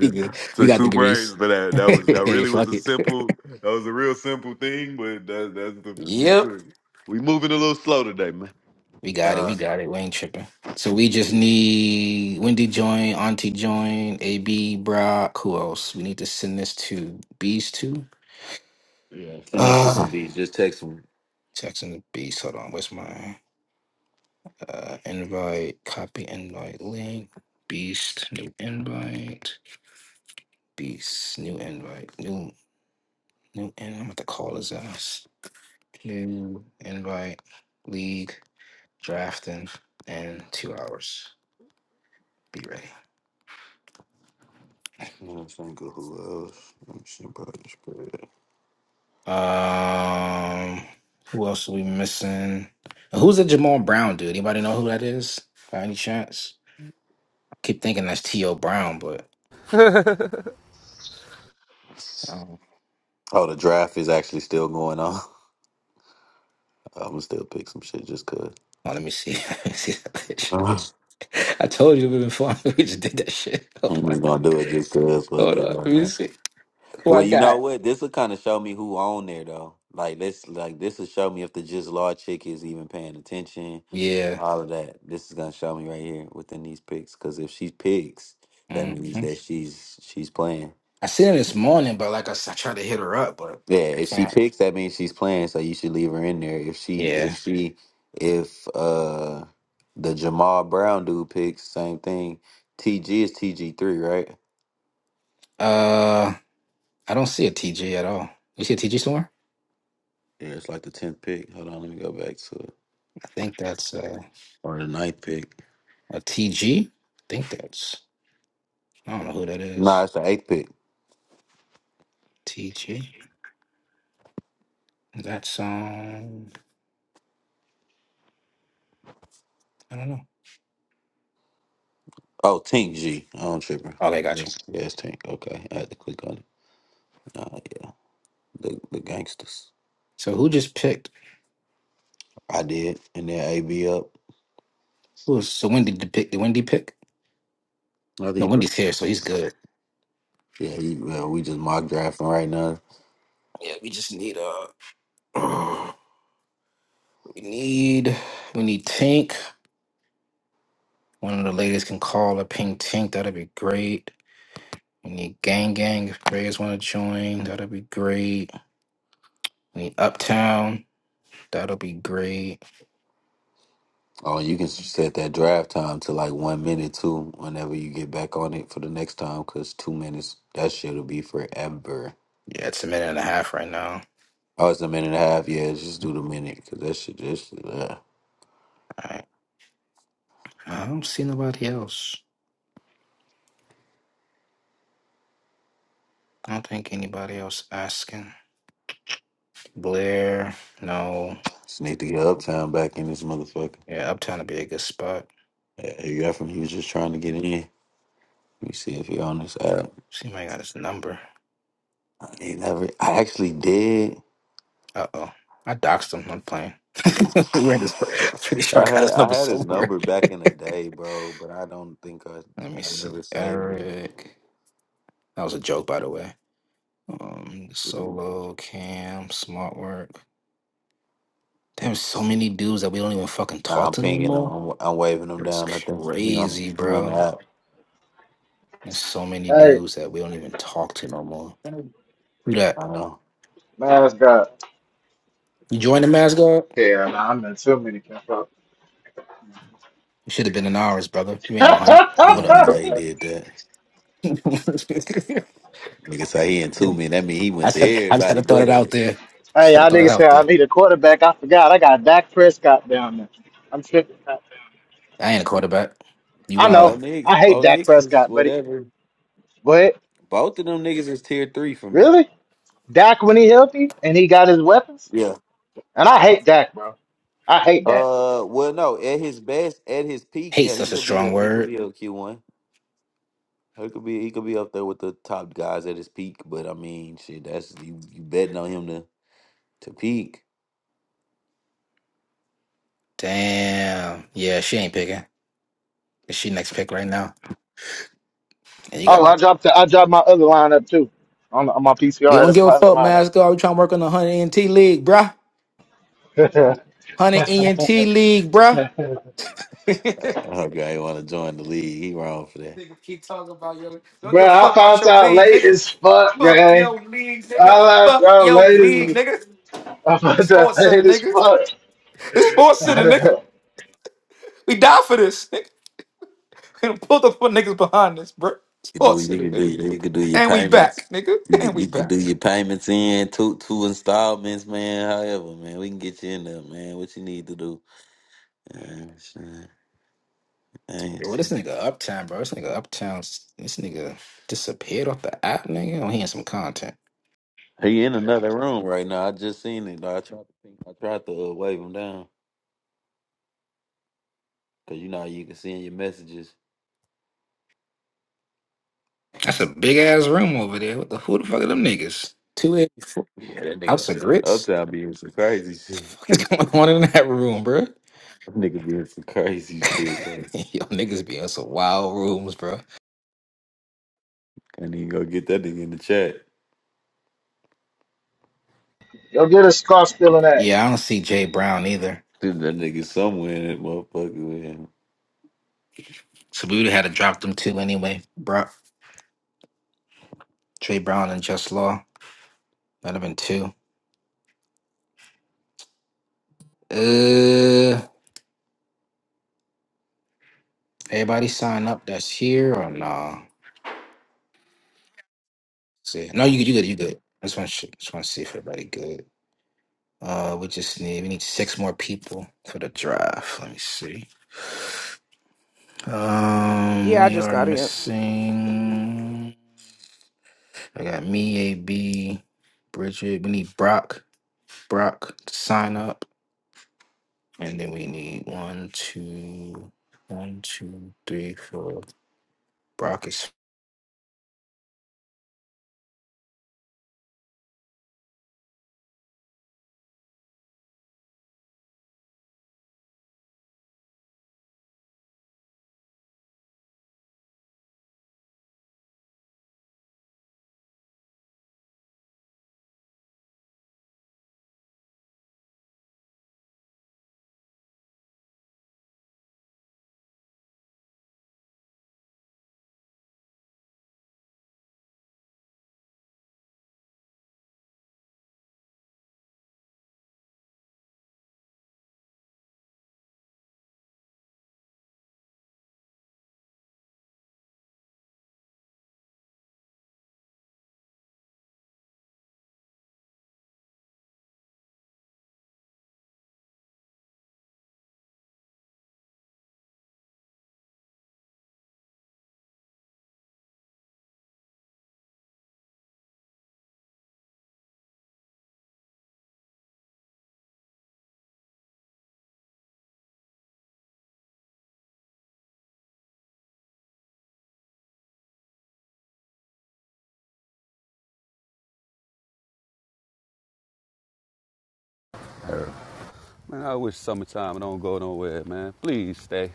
[SPEAKER 9] we good. We
[SPEAKER 1] Took
[SPEAKER 9] got
[SPEAKER 1] two brains
[SPEAKER 9] degrees.
[SPEAKER 1] for that. That was that
[SPEAKER 9] hey,
[SPEAKER 1] really was
[SPEAKER 9] fuck
[SPEAKER 1] a
[SPEAKER 9] it.
[SPEAKER 1] simple. That was a real simple thing, but that, that's the we
[SPEAKER 9] Yep,
[SPEAKER 1] took. We moving a little slow today, man.
[SPEAKER 9] we got it, we
[SPEAKER 1] Uh,
[SPEAKER 9] got it. We ain't tripping. So we just need Wendy join, Auntie join, AB Brock. Who else? We need to send this to Bees too.
[SPEAKER 1] yeah. Send that shit to
[SPEAKER 9] Uh,
[SPEAKER 1] these. Just text them.
[SPEAKER 9] texting the Beast. Hold on, where's my uh invite? Copy invite link. Beast new invite. Beast new invite. New new. And I'm about to call his ass. New invite, league, drafting, and two hours. Be ready.
[SPEAKER 1] I'm trying to go who else. Let me see about this spread.
[SPEAKER 9] Um, who else are we missing? Who's the Jamal Brown dude? Anybody know who that is? By any chance? keep thinking that's T.O. Brown, but I don't.
[SPEAKER 1] Oh, the draft is actually still going on. I'm gonna still pick some shit just cause.
[SPEAKER 9] Oh, let me see. Let me see that bitch.
[SPEAKER 1] I'm just
[SPEAKER 9] I told you we been fun. We just did that shit. Hold on.
[SPEAKER 1] gonna do it just cause
[SPEAKER 9] Hold on.
[SPEAKER 1] fucking
[SPEAKER 9] Let
[SPEAKER 1] why
[SPEAKER 9] me
[SPEAKER 1] not?
[SPEAKER 9] see who I
[SPEAKER 1] Well, you know
[SPEAKER 9] got.
[SPEAKER 1] what? This will kind of show me who on there though. Like this, like this will show me if the just law chick is even paying attention.
[SPEAKER 9] Yeah.
[SPEAKER 1] All of that. This is gonna show me right here within these picks. Cause if she picks, that
[SPEAKER 9] hmm
[SPEAKER 1] means that she's she's playing.
[SPEAKER 9] I seen her this morning, but like I said, I tried to hit her up, but
[SPEAKER 1] Yeah,
[SPEAKER 9] I
[SPEAKER 1] if she
[SPEAKER 9] can't.
[SPEAKER 1] picks, that means she's playing. So you should leave her in there. If she, if
[SPEAKER 9] Yeah.
[SPEAKER 1] she, if uh the Jamal Brown dude picks, same thing. TG is TG three, right?
[SPEAKER 9] Uh, I don't see a TG at all. You see a TG somewhere?
[SPEAKER 1] Yeah, it's like the tenth pick. Hold on, let me go back to it.
[SPEAKER 9] I think that's uh,
[SPEAKER 1] Or the ninth pick.
[SPEAKER 9] a TG. think that's I don't know who that
[SPEAKER 1] Nah,
[SPEAKER 9] is.
[SPEAKER 1] it's the eighth pick.
[SPEAKER 9] TG. That's um I don't know.
[SPEAKER 1] Oh, Tink G. I don't trip.
[SPEAKER 9] Okay,
[SPEAKER 1] Yeah,
[SPEAKER 9] got you.
[SPEAKER 1] it's Tink. Okay, I had to click on it. Nah, yeah, the the gangsters.
[SPEAKER 9] So who just picked?
[SPEAKER 1] I did, and then AB up.
[SPEAKER 9] Who was so Wendy did pick? Did Wendy pick?
[SPEAKER 1] Another
[SPEAKER 9] No,
[SPEAKER 1] deeper.
[SPEAKER 9] Wendy's here, so he's good.
[SPEAKER 1] Yeah, you, yeah, he, well, we just mock drafting right now.
[SPEAKER 9] Yeah, we just need uh we need we need Tink. One of the ladies can call or ping Tink. That'd be great. We need Gang Gang if players want to join. That'd be great. We need Uptown. That'll be great.
[SPEAKER 1] Oh, you can set that draft time to like one minute too. Whenever you get back on it for the next time, cause two minutes that shit'll be forever.
[SPEAKER 9] Yeah, it's a minute and a half right now.
[SPEAKER 1] Oh, it's a minute and a half. Yeah, just do the minute, cause that shit just. Yeah.
[SPEAKER 9] All right, I don't see nobody else. I don't think anybody else asking. Blair, no.
[SPEAKER 1] Just need to get Uptown back in this motherfucker.
[SPEAKER 9] Yeah, Uptown would be a good spot.
[SPEAKER 1] Hey, from he was just trying to get in. Let me see if he on this app.
[SPEAKER 9] See, if I got his number.
[SPEAKER 1] I ain't never. I actually did.
[SPEAKER 9] Uh oh, I doxed him. I'm playing. Where is- I'm pretty sure I
[SPEAKER 1] I
[SPEAKER 9] got
[SPEAKER 1] had
[SPEAKER 9] his
[SPEAKER 1] I
[SPEAKER 9] number
[SPEAKER 1] had his
[SPEAKER 9] somewhere.
[SPEAKER 1] number back in the day, bro, but I don't think I
[SPEAKER 9] Let me
[SPEAKER 1] I
[SPEAKER 9] see.
[SPEAKER 1] never saved
[SPEAKER 9] Eric. That was a joke, by the way. Um,
[SPEAKER 1] it.
[SPEAKER 9] solo, Cam, Smart Work. There's so many dudes that we don't even fucking
[SPEAKER 1] Nah,
[SPEAKER 9] talk
[SPEAKER 1] I'm
[SPEAKER 9] to no
[SPEAKER 1] pinging him.
[SPEAKER 9] more.
[SPEAKER 1] I'm, I'm waving him
[SPEAKER 9] It's
[SPEAKER 1] down. I think he on
[SPEAKER 9] crazy,
[SPEAKER 1] he on the
[SPEAKER 9] bro.
[SPEAKER 1] app.
[SPEAKER 9] There's so many
[SPEAKER 5] Hey,
[SPEAKER 9] dudes that we don't even talk to no more. Who that?
[SPEAKER 1] I know.
[SPEAKER 5] man, that's God.
[SPEAKER 9] You joined the mascot?
[SPEAKER 5] Yeah, nah, I'm in too many. Control.
[SPEAKER 9] You should have been in ours, brother. You ain't 100. But
[SPEAKER 1] I
[SPEAKER 9] what
[SPEAKER 1] don't
[SPEAKER 9] up?
[SPEAKER 1] know how he did that.
[SPEAKER 9] I,
[SPEAKER 1] Nigga say he into me. That mean he went
[SPEAKER 9] just
[SPEAKER 1] to
[SPEAKER 9] had, I just had
[SPEAKER 1] everybody
[SPEAKER 9] to throw
[SPEAKER 1] but
[SPEAKER 9] it out
[SPEAKER 1] us.
[SPEAKER 9] there. Just
[SPEAKER 5] Hey,
[SPEAKER 9] had to
[SPEAKER 5] y'all
[SPEAKER 9] throw that
[SPEAKER 5] niggas say
[SPEAKER 9] out
[SPEAKER 5] I
[SPEAKER 9] there.
[SPEAKER 5] need a quarterback. I forgot. I got Dak Prescott down there. I'm tripping.
[SPEAKER 9] I ain't a quarterback. You
[SPEAKER 5] I
[SPEAKER 1] Bo
[SPEAKER 5] know.
[SPEAKER 9] wildin'.
[SPEAKER 1] Nix,
[SPEAKER 5] I hate
[SPEAKER 1] Bo
[SPEAKER 5] Dak
[SPEAKER 1] Nix is
[SPEAKER 5] Prescott, but he,
[SPEAKER 1] whatever.
[SPEAKER 5] but
[SPEAKER 1] Both of them niggas is tier three for me.
[SPEAKER 5] really, Dak when he healthy and he got his weapons,
[SPEAKER 1] Yeah.
[SPEAKER 5] and I hate Dak, bro. I hate that.
[SPEAKER 1] Uh. Well, no. At his best, at his peak,
[SPEAKER 9] Hate
[SPEAKER 1] yeah, he
[SPEAKER 9] such a
[SPEAKER 1] could be
[SPEAKER 9] strong
[SPEAKER 1] a he could
[SPEAKER 9] word.
[SPEAKER 1] be a Q one. He could be he could be up there with the top guys at his peak. But I mean, shit, that's you, you betting on him to to peak.
[SPEAKER 9] Damn. Yeah, she ain't picking. Is she next pick right now? And you
[SPEAKER 1] Yeah.
[SPEAKER 5] Oh,
[SPEAKER 9] got my.
[SPEAKER 5] I dropped I dropped my other lineup too on, on my
[SPEAKER 9] We
[SPEAKER 5] PCR.
[SPEAKER 9] don't
[SPEAKER 5] That's
[SPEAKER 9] give a
[SPEAKER 5] my other
[SPEAKER 9] fuck, mascot. We trying to work on the 100 ent league, bruh.
[SPEAKER 5] lineup.
[SPEAKER 9] 100 ent league, bruh.
[SPEAKER 1] Okay, I want to join the league. He wrong for that.
[SPEAKER 9] Nigga keep talking about your don't give
[SPEAKER 5] bro,
[SPEAKER 9] a
[SPEAKER 5] I
[SPEAKER 9] fuck about
[SPEAKER 5] found
[SPEAKER 9] your
[SPEAKER 5] out
[SPEAKER 9] league,
[SPEAKER 5] late
[SPEAKER 9] nigga.
[SPEAKER 5] as fuck,
[SPEAKER 9] Fuck
[SPEAKER 5] gang.
[SPEAKER 9] your league, nigga.
[SPEAKER 5] I found
[SPEAKER 9] Fuck
[SPEAKER 5] out
[SPEAKER 9] your
[SPEAKER 5] late
[SPEAKER 9] league,
[SPEAKER 5] as
[SPEAKER 9] nigga.
[SPEAKER 5] I found out
[SPEAKER 9] Sports center,
[SPEAKER 5] late as
[SPEAKER 9] nigga.
[SPEAKER 5] fuck.
[SPEAKER 9] It's sports center, nigga. We die for this, nigga. We done pulled up for niggas behind this, bro.
[SPEAKER 1] You do
[SPEAKER 9] Sports
[SPEAKER 1] you
[SPEAKER 9] center,
[SPEAKER 1] can do
[SPEAKER 9] nigga.
[SPEAKER 1] you can do your
[SPEAKER 9] And we back,
[SPEAKER 1] payments.
[SPEAKER 9] nigga.
[SPEAKER 1] You
[SPEAKER 9] And
[SPEAKER 1] could
[SPEAKER 9] we
[SPEAKER 1] you could
[SPEAKER 9] back.
[SPEAKER 1] do your payments in two two installments, man. However, man, we can get you in there, man. What you need to do. Uh, shit.
[SPEAKER 9] Well, this nigga Uptown, bro. This nigga Uptown, this nigga disappeared off the app, nigga. I'm hearing some content.
[SPEAKER 1] He in another room right now. I just seen it. Like, I tried to think. I tried to uh, wave him down because you know how you can see in your messages.
[SPEAKER 9] That's a big ass room over there. What the who the fuck are them niggas? Two eighty four
[SPEAKER 1] Yeah, that nigga
[SPEAKER 9] House of Grits.
[SPEAKER 1] uptown be in some crazy shit.
[SPEAKER 9] What's going on in that room, bro?
[SPEAKER 1] That nigga be in some crazy shit, bro.
[SPEAKER 9] Yo, niggas be in some wild rooms, bro.
[SPEAKER 1] Can't even go get that nigga in the chat.
[SPEAKER 5] Go get a scarf stealing ass.
[SPEAKER 9] Yeah, I don't see Jay Brown either.
[SPEAKER 1] Dude, that nigga somewhere in that motherfucker. Man.
[SPEAKER 9] So we would have had to drop them two anyway. Bro, Jay Brown and Just Law. That'd have been two. Uh, everybody sign up. That's here or nah? See, no, you good, you good, you good. I just want to just want to see if everybody good. Uh, we just need we need six more people for the draft. Let me see. Um,
[SPEAKER 7] Yeah, I
[SPEAKER 9] we
[SPEAKER 7] just
[SPEAKER 9] are
[SPEAKER 7] got in.
[SPEAKER 9] missing. I got me, AB, Bridget. We need Brock. Brock to sign up, and then we need one, two, one, two, three, four. Brock is
[SPEAKER 8] Man, I wish summertime don't go nowhere, man. Please stay.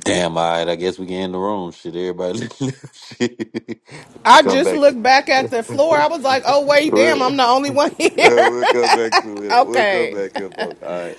[SPEAKER 1] Damn, all right. I guess we can end the room. Shit, everybody. Shit.
[SPEAKER 7] I
[SPEAKER 1] come
[SPEAKER 7] just
[SPEAKER 1] back to.
[SPEAKER 7] looked back at the floor. I was like, oh, wait, damn,
[SPEAKER 1] we'll, uh,
[SPEAKER 7] I'm the only one here.
[SPEAKER 1] we'll come back to it. We'll come
[SPEAKER 7] okay.
[SPEAKER 1] back here, folks. All right.